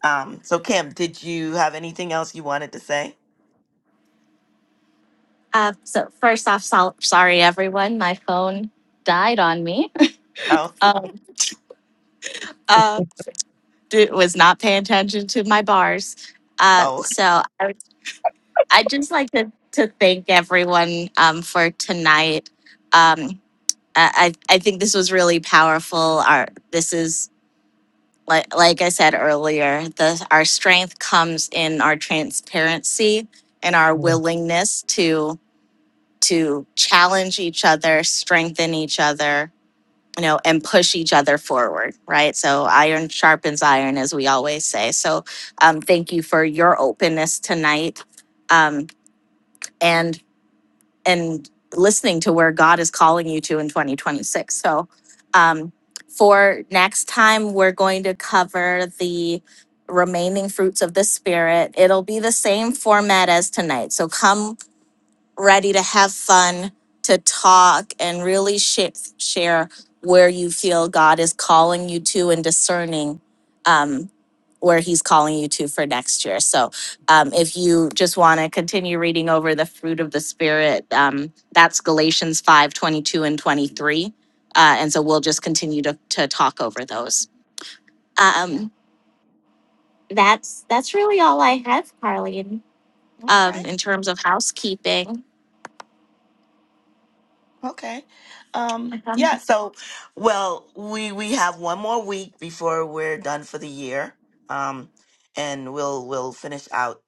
Speaker 2: Um, so Kim, did you have anything else you wanted to say?
Speaker 3: Uh, so first off, so- sorry everyone, my phone died on me.
Speaker 2: Oh,
Speaker 3: um, uh, it was not paying attention to my bars. Uh,
Speaker 2: oh,
Speaker 3: so I would, I'd just like to, to thank everyone um, for tonight. Um, I, I I think this was really powerful. Our this is like like I said earlier, the our strength comes in our transparency and our willingness to challenge each other, strengthen each other, you know, and push each other forward, right? So iron sharpens iron, as we always say. So um, thank you for your openness tonight, um, and and listening to where God is calling you to in 2026. So um, for next time, we're going to cover the remaining fruits of the spirit it'll be the same format as tonight so come ready to have fun, to talk, and really sh- share where you feel God is calling you to and discerning um, where He's calling you to for next year. So um, if you just want to continue reading over the fruit of the Spirit, um, that's Galatians 5 22 and 23. Uh, and so we'll just continue to, to talk over those.
Speaker 2: yeah.
Speaker 3: Um, that's that's really all I have, Carleen. Um,
Speaker 2: Okay,
Speaker 3: in terms of housekeeping,
Speaker 2: okay. Um, yeah. So, well, we we have one more week before we're done for the year. Um, and we'll we'll finish out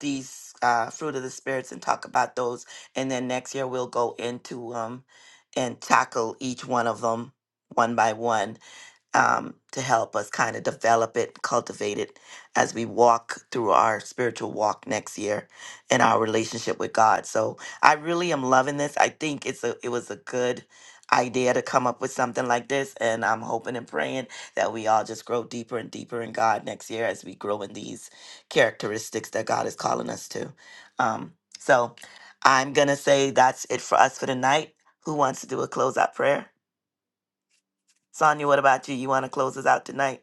Speaker 2: these uh, fruit of the spirits and talk about those. And then next year we'll go into um and tackle each one of them one by one um, to help us kind of develop it, cultivate it as we walk through our spiritual walk next year and our relationship with God. So I really am loving this. I think it's a it was a good idea to come up with something like this, and I'm hoping and praying that we all just grow deeper and deeper in God next year as we grow in these characteristics that God is calling us to. Um, so I'm gonna say that's it for us for tonight. Who wants to do a closeout prayer? Sonia, what about you? You want to close us out tonight?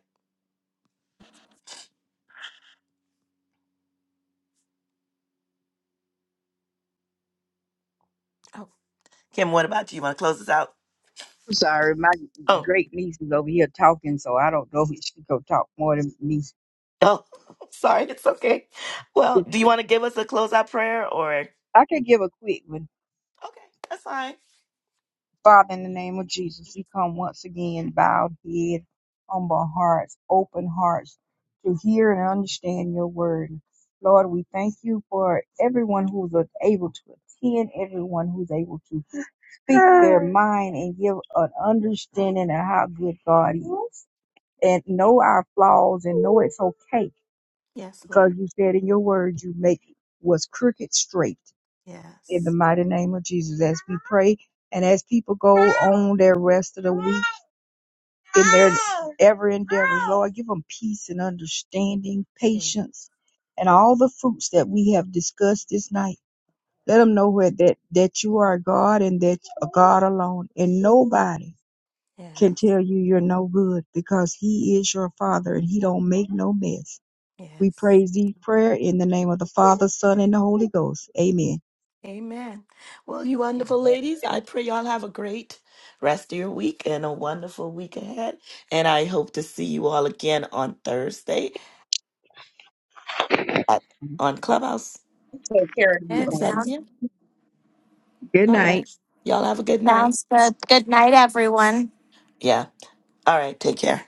Speaker 2: Oh, Kim, what about you? You want to close us out?
Speaker 4: I'm sorry, my
Speaker 2: Oh,
Speaker 4: great niece is over here talking, so I don't know if she could talk more than me.
Speaker 2: oh, sorry, it's okay. Well, do you want to give us a closeout prayer or?
Speaker 4: I could give a quick one.
Speaker 2: Okay, that's fine.
Speaker 4: Father, in the name of Jesus, we come once again, bowed head, humble hearts, open hearts to hear and understand your word. Lord, we thank you for everyone who's able to attend, everyone who's able to speak their mind and give an understanding of how good God is and know our flaws and know it's okay
Speaker 2: Yes,
Speaker 4: because
Speaker 2: Lord.
Speaker 4: you said in your word you make what's crooked straight in the
Speaker 2: Yes.
Speaker 4: mighty name of Jesus as we pray and as people go on their rest of the week in their ever endeavors. Lord, give them peace and understanding,
Speaker 2: Yeah.
Speaker 4: patience, and all the fruits that we have discussed this night. Let them know where that, that you are God and that a God alone and nobody can
Speaker 2: Yes.
Speaker 4: tell you you're no good because he is your father and he don't make no mess. We
Speaker 2: Yes.
Speaker 4: praise thee prayer in the name of the Father, Son, and the Holy Ghost. Amen.
Speaker 2: Amen. Well, you wonderful ladies, I pray y'all have a great rest of your week and a wonderful week ahead. And I hope to see you all again on Thursday at on Clubhouse
Speaker 1: Take care of
Speaker 2: at
Speaker 1: you.
Speaker 2: 7 p.m.
Speaker 4: Good
Speaker 2: All
Speaker 4: night.
Speaker 2: right. Y'all have a good night.
Speaker 3: Sounds good. Good night, everyone.
Speaker 2: Yeah. All right. Take care.